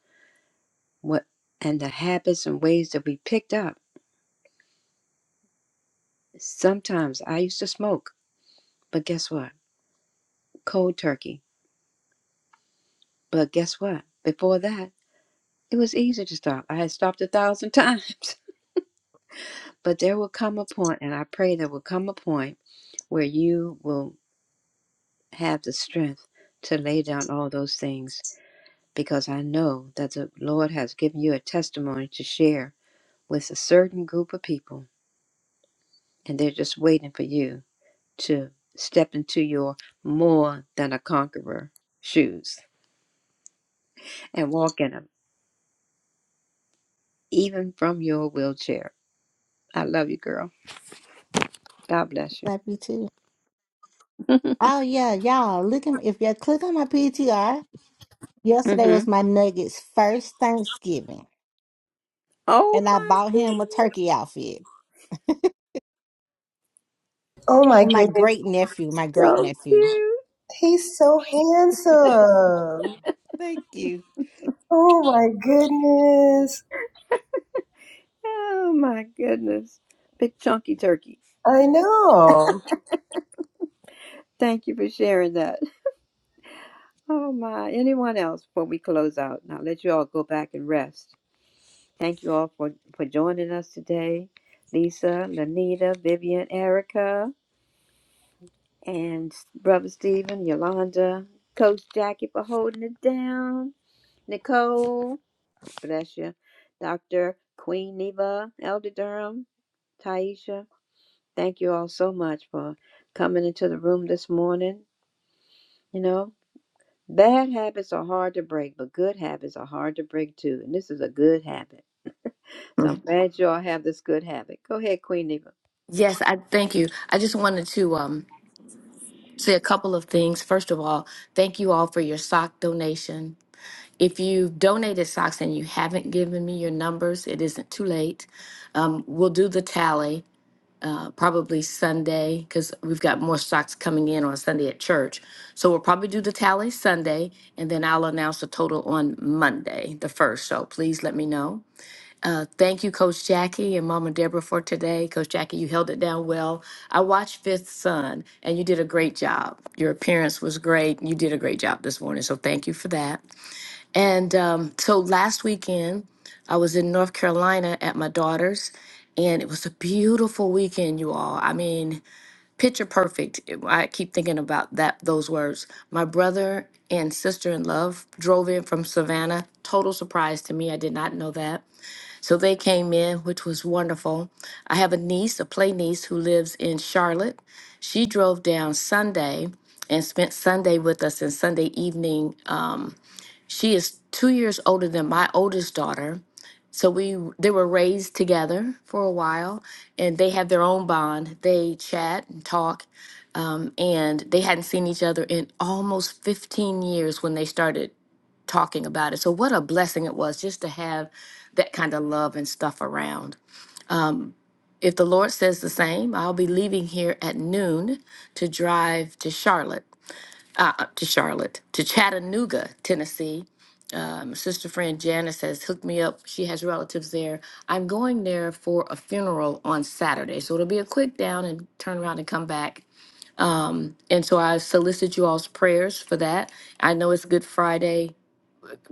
what, and the habits and ways that we picked up. Sometimes I used to smoke, but guess what? Cold turkey. But guess what? Before that, it was easy to stop. I had stopped a thousand times. But there will come a point, and I pray there will come a point where you will. have the strength to lay down all those things because I know that the Lord has given you a testimony to share with a certain group of people, and they're just waiting for you to step into your more than a conqueror shoes and walk in them, even from your wheelchair. I love you, girl. God bless Love you too. Oh, yeah, y'all. Look at if you click on my PTR. you. Yesterday hmm was my nugget's first Thanksgiving, Oh and I my bought him a goodness, turkey outfit. Oh my And my goodness. great nephew, my great so nephew. cute. He's so handsome. Thank you. Oh my goodness. Oh my goodness. Big chunky turkey. I know. Thank you for sharing that. Oh my. Anyone else before we close out? Now let you all go back and rest. Thank you all for, for joining us today. Lisa, Lanita, Vivian, Erica, and Brother Stephen, Yolanda, Coach Jackie for holding it down. Nicole, bless you. Dr. Queen Neva, Elder Durham, Taisha. Thank you all so much for coming into the room this morning. You know, Bad habits are hard to break, but good habits are hard to break too. And this is a good habit. So I'm Mhm. glad you all have this good habit. Go ahead, Queen Neva. Yes, I thank you. I just wanted to um, say a couple of things. First of all, thank you all for your sock donation. If you've donated socks and you haven't given me your numbers, it isn't too late. We'll do the tally uh, probably Sunday because we've got more socks coming in on Sunday at church. So we'll probably do the tally Sunday and then I'll announce the total on Monday, the first. So please let me know. Thank you, Coach Jackie and Mama Deborah, for today. Coach Jackie, you held it down well. I watched Fifth Son, and you did a great job. Your appearance was great. You did a great job this morning, so thank you for that. And um, so last weekend, I was in North Carolina at my daughter's, and it was a beautiful weekend, you all. I mean, picture perfect. It- I keep thinking about that those words. My brother and sister in love drove in from Savannah. Total surprise to me. I did not know that. So they came in, which was wonderful. I have a niece, a play niece, who lives in Charlotte. She drove down Sunday and spent Sunday with us and Sunday evening. Um, she is two years older than my oldest daughter. So we they were raised together for a while, and they have their own bond. They chat and talk, um, and they hadn't seen each other in almost 15 years when they started talking about it. So, what a blessing it was just to have that kind of love and stuff around. If the Lord says the same, I'll be leaving here at noon to drive to Charlotte, uh, uh, to Charlotte, to Chattanooga, Tennessee. My sister friend Janice has hooked me up. She has relatives there. I'm going there for a funeral on Saturday. So it'll be a quick down and turn around and come back. And so I solicit you all's prayers for that. I know it's Good Friday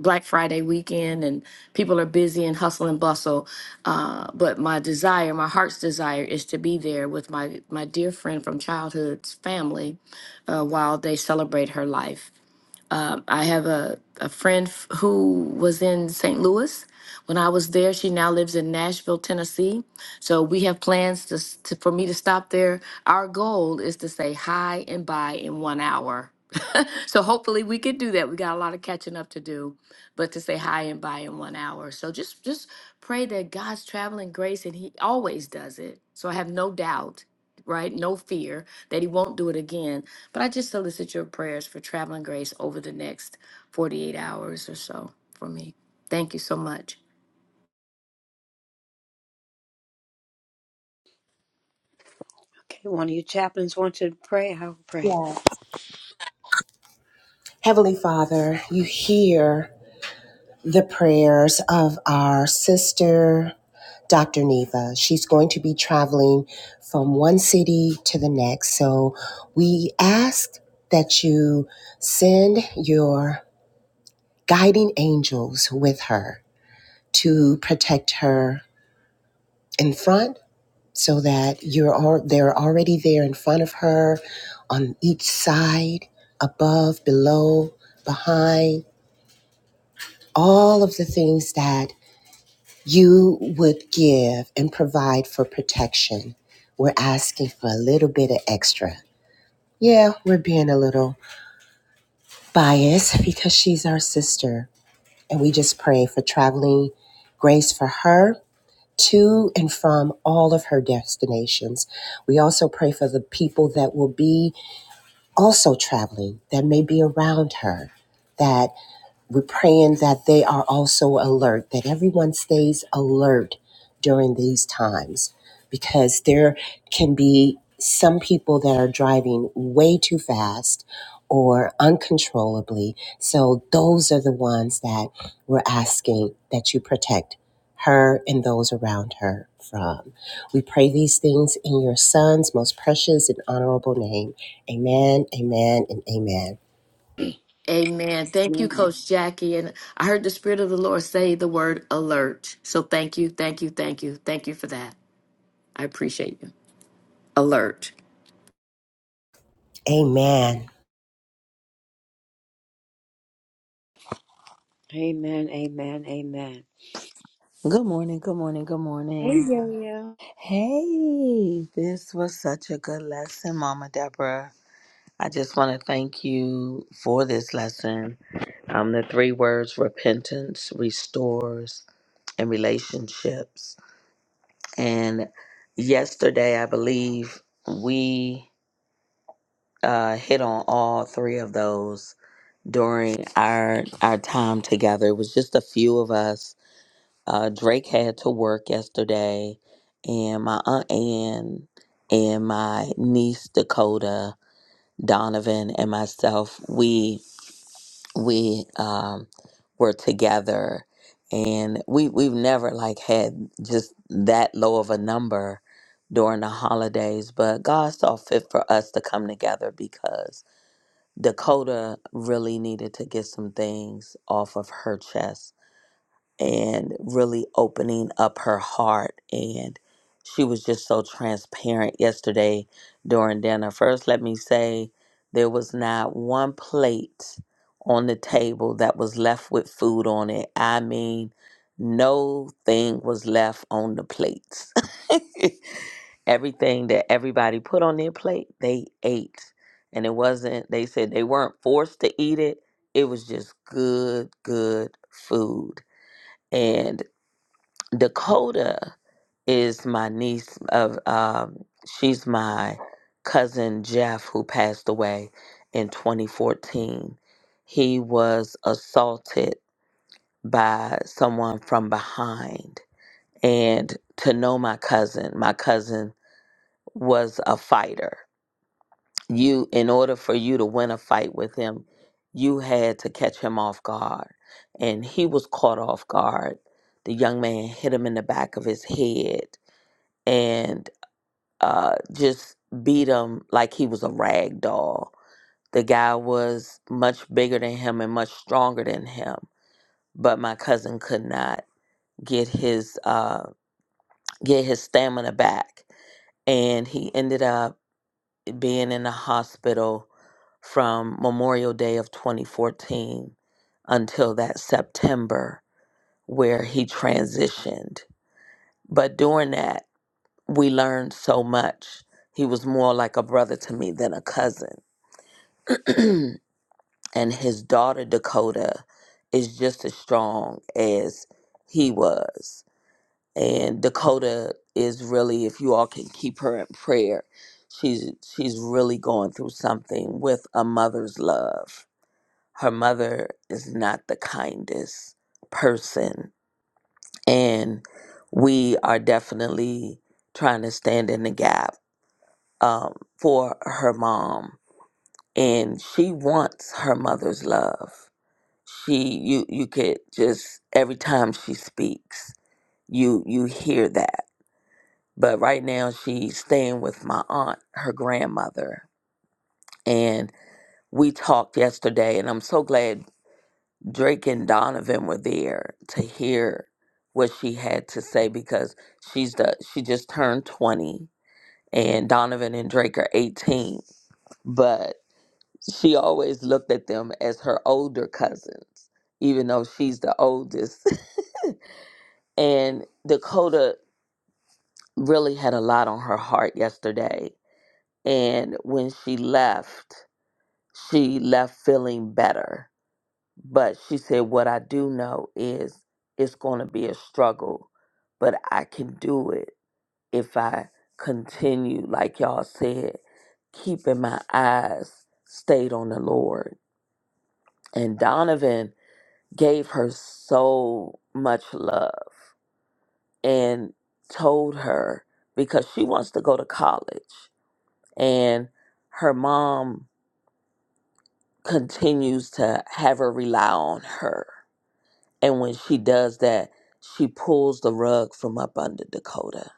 Black Friday weekend and people are busy and hustle and bustle. Uh, but my desire, my heart's desire, is to be there with my my dear friend from childhood's family uh, while they celebrate her life. Um, I have a a friend f- who was in St. Louis when I was there. She now lives in Nashville, Tennessee. So we have plans to, s- to for me to stop there. Our goal is to say hi and bye in one hour so hopefully we could do that. We got a lot of catching up to do, but to say hi and bye in one hour. So just just pray that God's traveling grace and he always does it. So I have no doubt, right? No fear that he won't do it again. But I just solicit your prayers for traveling grace over the next 48 hours or so for me. Thank you so much. Okay, one of you chaplains wants you to pray. I will pray. Yeah. Heavenly Father, you hear. the prayers of our sister, Dr. Neva. She's going to be traveling from one city to the next. So we ask that you send your guiding angels with her to protect her in front so that you're all, they're already there in front of her on each side, above, below, behind, all of the things that you would give and provide for protection. We're asking for a little bit of extra. Yeah, we're being a little biased because she's our sister. And we just pray for traveling grace for her to and from all of her destinations. We also pray for the people that will be also traveling, that may be around her, that We're praying that they are also alert, that everyone stays alert during these times because there can be some people that are driving way too fast or uncontrollably. So those are the ones that we're asking that you protect her and those around her from. We pray these things in your son's most precious and honorable name. Amen, amen, and amen. Amen. Thank you, Amen. Coach Jackie. And I heard the Spirit of the Lord say the word alert. So thank you, thank you, thank you. Thank you for that. I appreciate you. Alert. Amen. Amen. Amen. Amen. Good morning. Good morning. Good Hey, morning. yo, yo. Hey, this was such a good lesson, Mama Deborah. I just want to thank you for this lesson. Um, the three words repentance restores and relationships. And yesterday, I believe we uh, hit on all three of those during our our time together. It was just a few of us. Uh, Drake had to work yesterday, and my aunt Ann and my niece Dakota Donovan and myself. We we um, were together and we we've never like had just that low of a number during the holidays but God saw fit for us to come together because Dakota really needed to get some things off of her chest and really opening up her heart. And she was just so transparent yesterday during dinner. First, let me say there was not one plate on the table that was left with food on it. I mean, no thing was left on the plates. Everything that everybody put on their plate, they ate. And it wasn't, they said they weren't forced to eat it. It was just good, good food. And Dakota is my niece of um she's my cousin Jeff who passed away in 2014. He was assaulted by someone from behind and to know my cousin, my cousin was a fighter. You in order for you to win a fight with him, you had to catch him off guard. And he was caught off guard. The young man hit him in the back of his head and uh, just beat him like he was a rag doll. The guy was much bigger than him and much stronger than him, but my cousin could not get his uh, get his stamina back, and he ended up being in the hospital from Memorial Day of 2014 until that September where he transitioned. But during that, we learned so much. He was more like a brother to me than a cousin. and his daughter, Dakota, is just as strong as he was. And Dakota is really, if you all can keep her in prayer, she's she's really going through something with a mother's love. Her mother is not the kindest person. And we are definitely trying to stand in the gap um, for her mom, and she wants her mother's love. She, you, you could just every time she speaks, you you hear that. But right now, she's staying with my aunt, her grandmother, and we talked yesterday, and I'm so glad Drake and Donovan were there to hear what she had to say because she's the she just turned 20 and Donovan and Drake are 18 but. she always looked at them as her older cousins, even though she's the oldest. and Dakota really had a lot on her heart yesterday. And when she left, she left feeling better. But she said, What I do know is it's going to be a struggle, but I can do it if I continue, like y'all said, keeping my eyes stayed on the Lord. And Donovan gave her so much love and told her because she wants to go to college and her mom continues to have her rely on her. And when she does that, she pulls the rug from up under Dakota.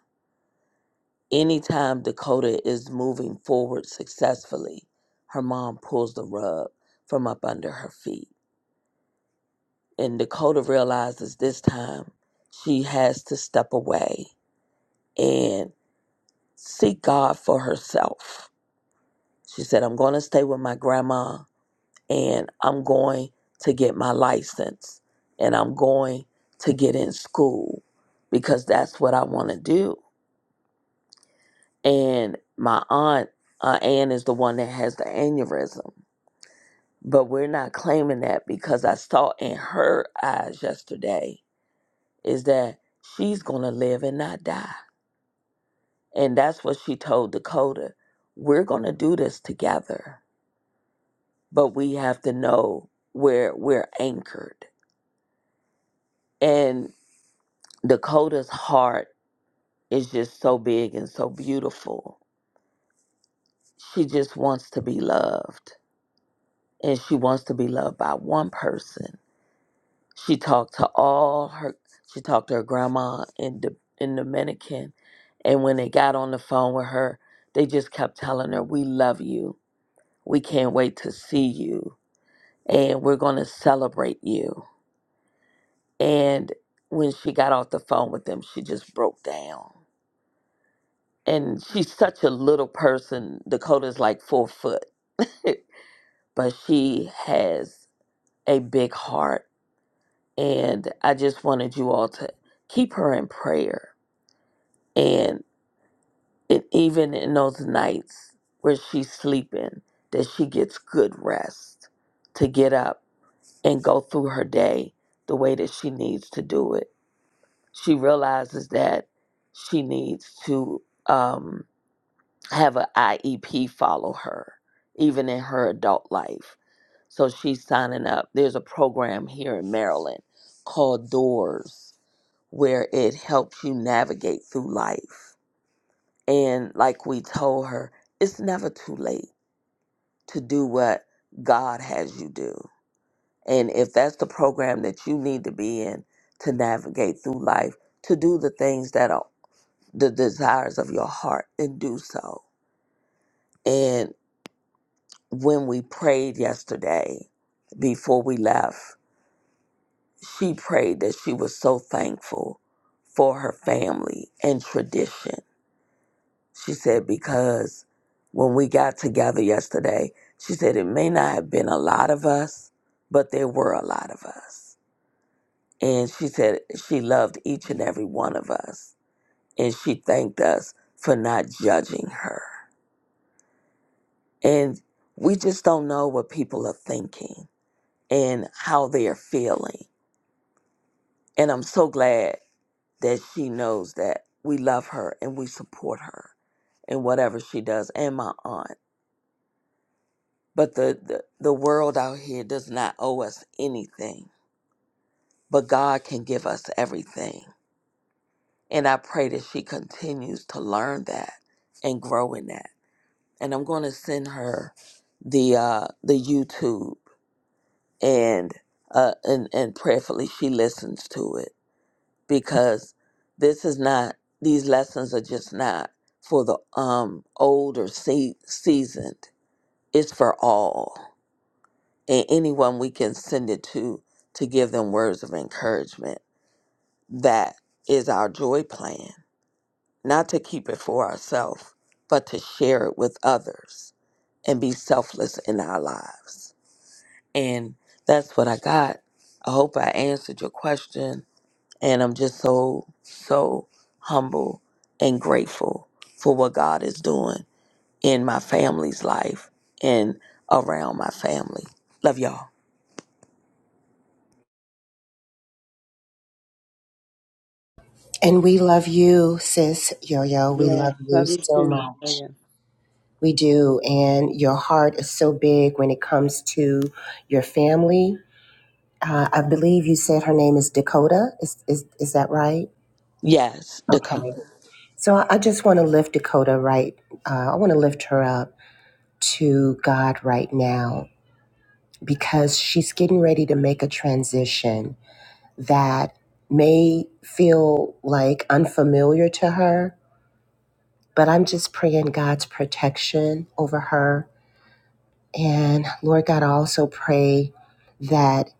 Anytime Dakota is moving forward successfully, her mom pulls the rug from up under her feet. And Dakota realizes this time she has to step away and. seek God for herself. She said, I'm going to stay with my grandma and I'm going to get my license and I'm going to get in school because that's what I want to do. And my aunt, uh, Ann is the one that has the aneurysm, but we're not claiming that because I saw in her eyes yesterday is that she's going to live and not die. And that's what she told Dakota. We're going to do this together but we have to know where we're anchored. And Dakota's heart is just so big and so beautiful. She just wants to be loved, and she wants to be loved by one person. She talked to all her. She talked to her grandma in the in Dominican, and when they got on the phone with her, they just kept telling her, "We love you. We can't wait to see you, and we're going to celebrate you." And when she got off the phone with them, she just broke down. And she's such a little person. Dakota's like four foot, but she has a big heart. And I just wanted you all to keep her in prayer. And it, even in those nights where she's sleeping, that she gets good rest to get up and go through her day the way that she needs to do it she realizes that she needs to um, have an IEP follow her, even in her adult life. So she's signing up. There's a program here in Maryland called Doors where it helps you navigate through life. And like we told her, it's never too late to do what God has you do. And if that's the program that you need to be in to navigate through life, to do the things that are the desires of your heart and do so. And when we prayed yesterday, before we left, she prayed that she was so thankful for her family and tradition. She said, because when we got together yesterday, she said, it may not have been a lot of us, but there were a lot of us. And she said, she loved each and every one of us. And she thanked us for not judging her. And we just don't know what people are thinking and how they are feeling. And I'm so glad that she knows that we love her and we support her in whatever she does and my aunt. But the, the, the world out here does not owe us anything, but God can give us everything. And I pray that she continues to learn that and grow in that. And I'm going to send her the uh, the YouTube and uh, and and prayerfully she listens to it because this is not these lessons are just not for the um older se- seasoned. It's for all and anyone we can send it to to give them words of encouragement. That is our joy plan, not to keep it for ourselves, but to share it with others and be selfless in our lives. And that's what I got. I hope I answered your question. And I'm just so, so humble and grateful for what God is doing in my family's life and around my family. Love y'all. And we love you, sis Yo Yo. We Yes. love you Love you so too. much. Neva. We do. And your heart is so big when it comes to your family. Uh, I believe you said her name is Dakota. Is, is, is that right? Yes, Okay. Dakota. So I I just want to lift Dakota right. Uh, I want to lift her up to God right now because she's getting ready to make a transition that may feel like unfamiliar to her But I'm just praying God's protection over her. And Lord God, I also pray that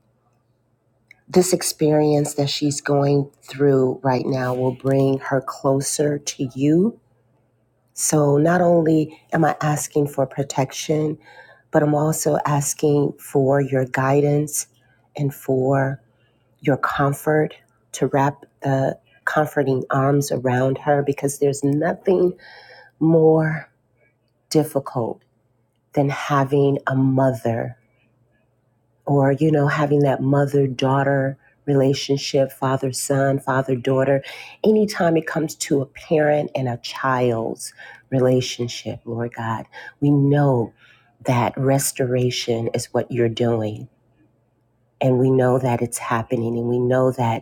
this experience that she's going through right now will bring her closer to you. So not only am I asking for protection, but I'm also asking for your guidance and for your comfort to wrap the comforting arms around her because there's nothing more difficult than having a mother or, you know, having that mother daughter relationship, father son, father daughter. Anytime it comes to a parent and a child's relationship, Lord God, we know that restoration is what you're doing. And we know that it's happening, and we know that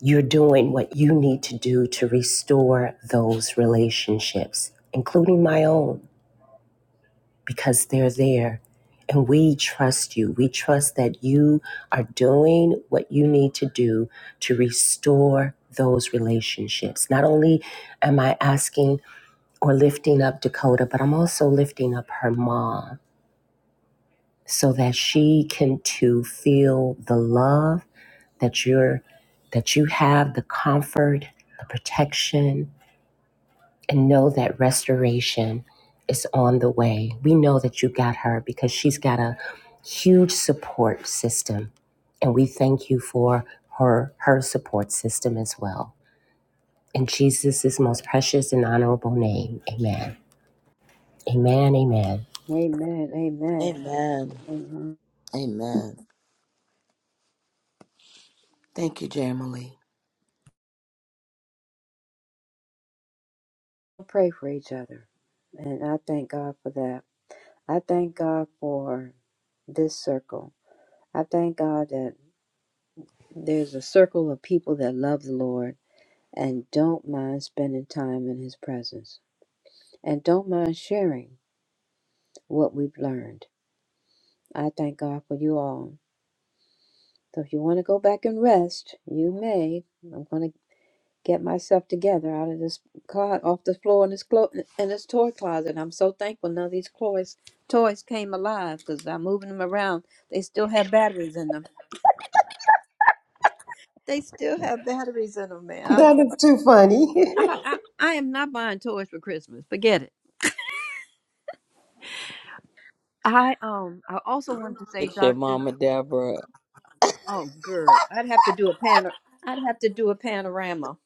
you're doing what you need to do to restore those relationships, including my own. because they're there. And we trust you. We trust that you are doing what you need to do to restore those relationships. Not only am I asking or lifting up Dakota, but I'm also lifting up her mom so that she can too feel the love that you're that you have, the comfort, the protection, and know that restoration is on the way. We know that you got her because she's got a huge support system. And we thank you for her her support system as well. In Jesus' most precious and honorable name. Amen. Amen. Amen. Amen. Amen. Amen. Amen. Amen. Thank you, Jamily. We'll Pray for each other. And I thank God for that. I thank God for this circle. I thank God that there's a circle of people that love the Lord. and don't mind spending time in His presence. And don't mind sharing what we've learned. I thank God for you all. So if you want to go back and rest, you may. I'm going to get myself together out of this closet, off the floor in this, clo- in this toy closet. I'm so thankful none of these toys, toys came alive because I'm moving them around. They still have batteries in them. They still have batteries in them, man. I'm, I, I, I am not buying toys for Christmas. Forget it. I um I also wanted to say, It's your Doctor. mama, Deborah. Oh, girl, I'd have to do a panor. I'd have to do a panorama,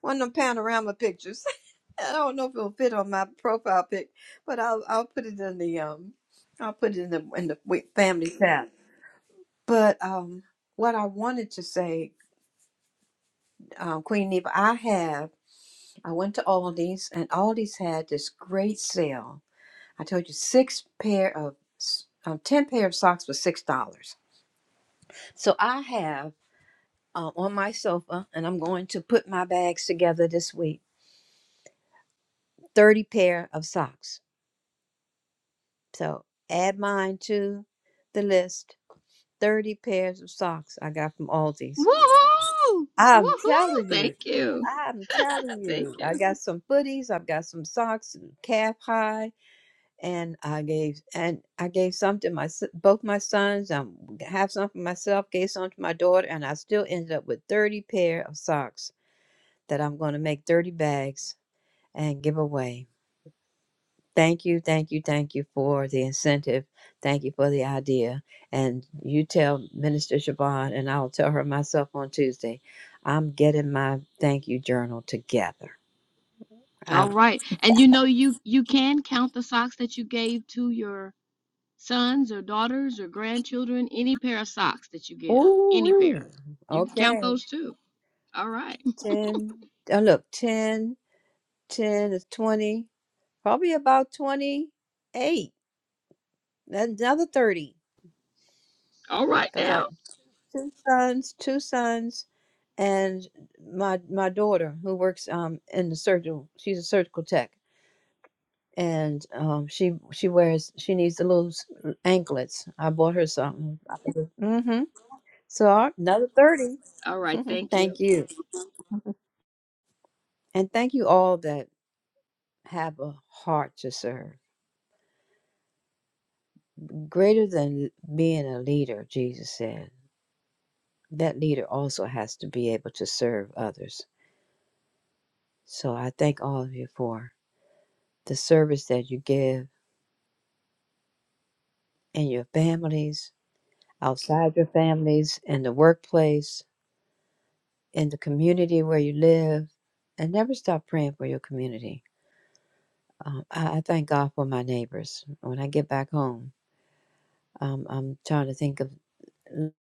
one of them panorama pictures. I don't know if it'll fit on my profile pic, but I'll I'll put it in the um, I'll put it in the in the wi- family chat. But um, what I wanted to say, um, Queen Neva, I have. I went to Aldi's, and Aldi's had this great sale. I told you six pair of s- um, ten pair of socks for six dollars. So I have uh, on my sofa and I'm going to put my bags together this week. 30 pair of socks. So add mine to the list. 30 pairs of socks I got from Aldi's. I'm telling you. I'm telling you. I got some footies, I've got some socks, calf high, and I gave and I gave some to my s- both my sons. I have some for myself, gave some to my daughter, and I still ended up with 30 pair of socks that I'm going to make 30 bags and give away. Thank you, thank you, thank you for the incentive. Thank you for the idea. And you tell Minister Siobhan, and I'll tell her myself on Tuesday, I'm getting my thank you journal together. All I'm, right. And you know you you can count the socks that you gave to your sons or daughters or grandchildren, any pair of socks that you give, any pair. ooh, You can count okay. those too. All right. 10, oh, look, ten, ten 10 is 20, probably about 28, another 30. All right because I. now. two sons, two sons, and my my daughter who works um in the surgical. She's a surgical tech, and um she she wears she needs the little s- uh, anklets. I bought her something. Mm-hmm. So I- another thirty. All right, thank you. thank you, and thank you all that have a heart to serve. Greater than being a leader, Jesus said. That leader also has to be able to serve others. So I thank all of you for the service that you give in your families, outside your families, in the workplace, in the community where you live, and never stop praying for your community. Um, I, I thank God for my neighbors. When I get back home, um, I'm trying to think of what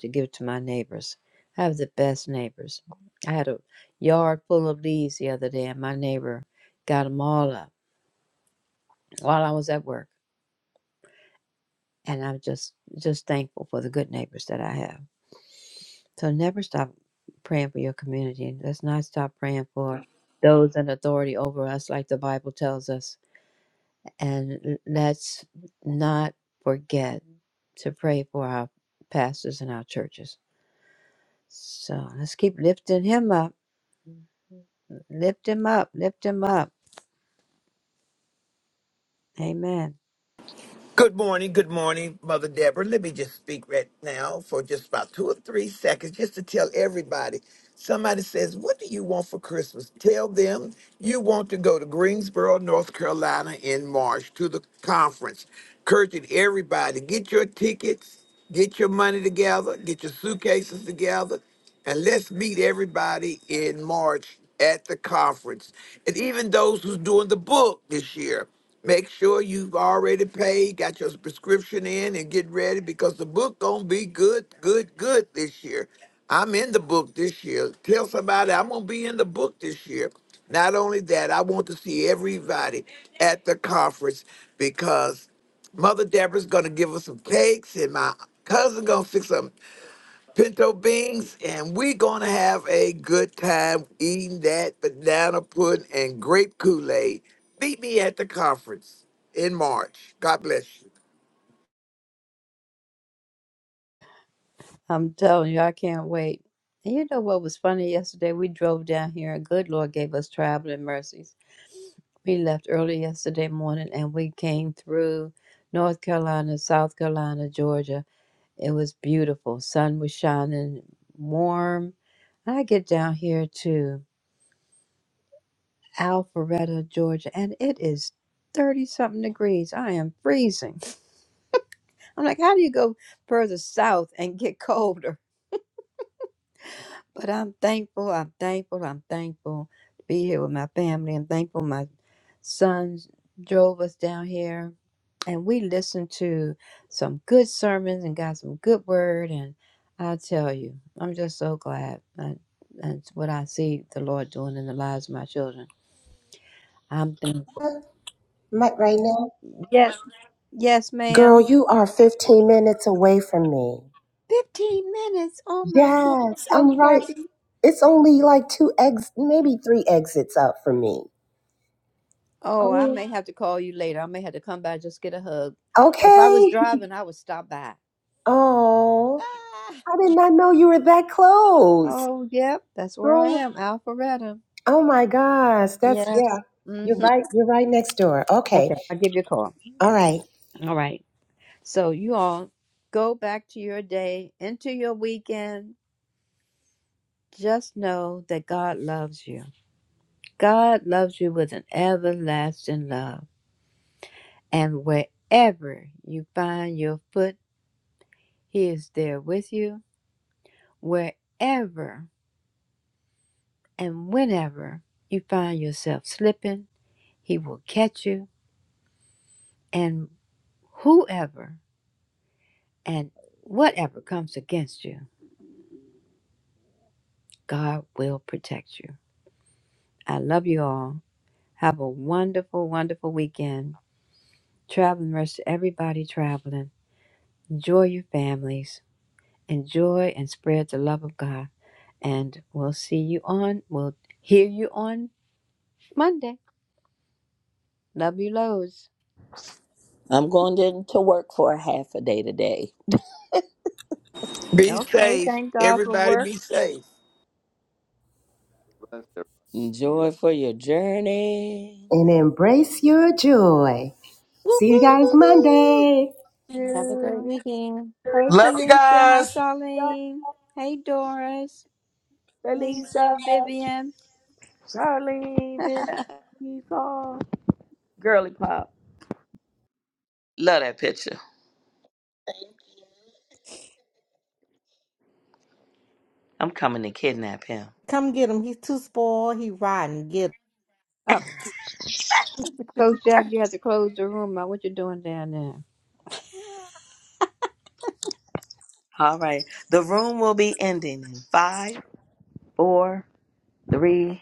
to give to my neighbors. I have the best neighbors. I had a yard full of leaves the other day, and my neighbor got them all up while I was at work. And I'm just just thankful for the good neighbors that I have. So never stop praying for your community. Let's not stop praying for those in authority over us, like the Bible tells us. And l- let's not forget to pray for our pastors and our churches. So let's keep lifting him up. Lift him up. Lift him up. Amen. Good morning, good morning, Mother Deborah. Let me just speak right now for just about two or three seconds, just to tell everybody. Somebody says, What do you want for Christmas? Tell them you want to go to Greensboro, North Carolina in March to the conference. Encouraging everybody, get your tickets, get your money together, get your suitcases together, and let's meet everybody in March at the conference. And even those who's doing the book this year. Make sure you've already paid, got your prescription in, and get ready because the book gonna be good, good, good this year. I'm in the book this year. Tell somebody I'm gonna be in the book this year. Not only that, I want to see everybody at the conference because Mother Deborah's gonna give us some cakes, and my cousin gonna fix some pinto beans, and we're gonna have a good time eating that banana pudding and grape Kool-Aid. Meet me at the conference in March. God bless you. I'm telling you, I can't wait. And you know what was funny yesterday? We drove down here and good Lord gave us traveling mercies We left early yesterday morning and we came through North Carolina, South Carolina, Georgia. It was beautiful. Sun was shining warm. I get down here to Alpharetta, Georgia, and it is 30 something degrees. I am freezing. I'm like, how do you go further south and get colder? But I'm thankful, I'm thankful, I'm thankful to be here with my family. I'm thankful my sons drove us down here and we listened to some good sermons and got some good word. And I tell you, I'm just so glad. I, that's what I see the Lord doing in the lives of my children. I'm thankful. Mike, right now, Yes, yes, girl, ma'am. you are 15 minutes away from me. 15 minutes. Oh my goodness, Yes, Coach I'm right. Jackie. It's only like two ex, maybe three exits up from me. Oh, I Oh, may have to call you later. I may have to come by just get a hug. If I was okay. driving, I would stop by. Oh, Ah, I did not know you were that close. Oh, yep, that's where I Oh, am, Alpharetta. oh my gosh. That's, Yes. yeah. hmm You're right. You're right next door. Okay. Okay, I'll give you a call. All right. All right. So you all go back to your day, into your weekend. Just know that God loves you. God loves you with an everlasting love. And wherever you find your foot, He is there with you. Wherever And whenever you find yourself slipping, he will catch you. And whoever and whatever comes against you, God will protect you. I love you all. Have a wonderful, wonderful weekend. Traveling mercy to everybody traveling. Enjoy your families. Enjoy and spread the love of God. And we'll see you on, we'll hear you on Monday. Love you loads. I'm going to to work for a half a day today. Be Okay, safe. thank God for Everybody work. be safe. Bless everybody. See you Enjoy for your journey. And embrace your joy. Whoop, See you guys whoop. Monday. Have a great You. weekend. Hey Love you Felicia, hi guys. Charlene. Hey Doris, Lisa, Felicia, Vivian. Charlene, Vivian. girl. Love that picture. I'm coming to kidnap him. Come get him. He's too spoiled. He riding. Oh, Coach Jack, you have to close the room out. What you doing down there? All right. The room will be ending in five, four, three,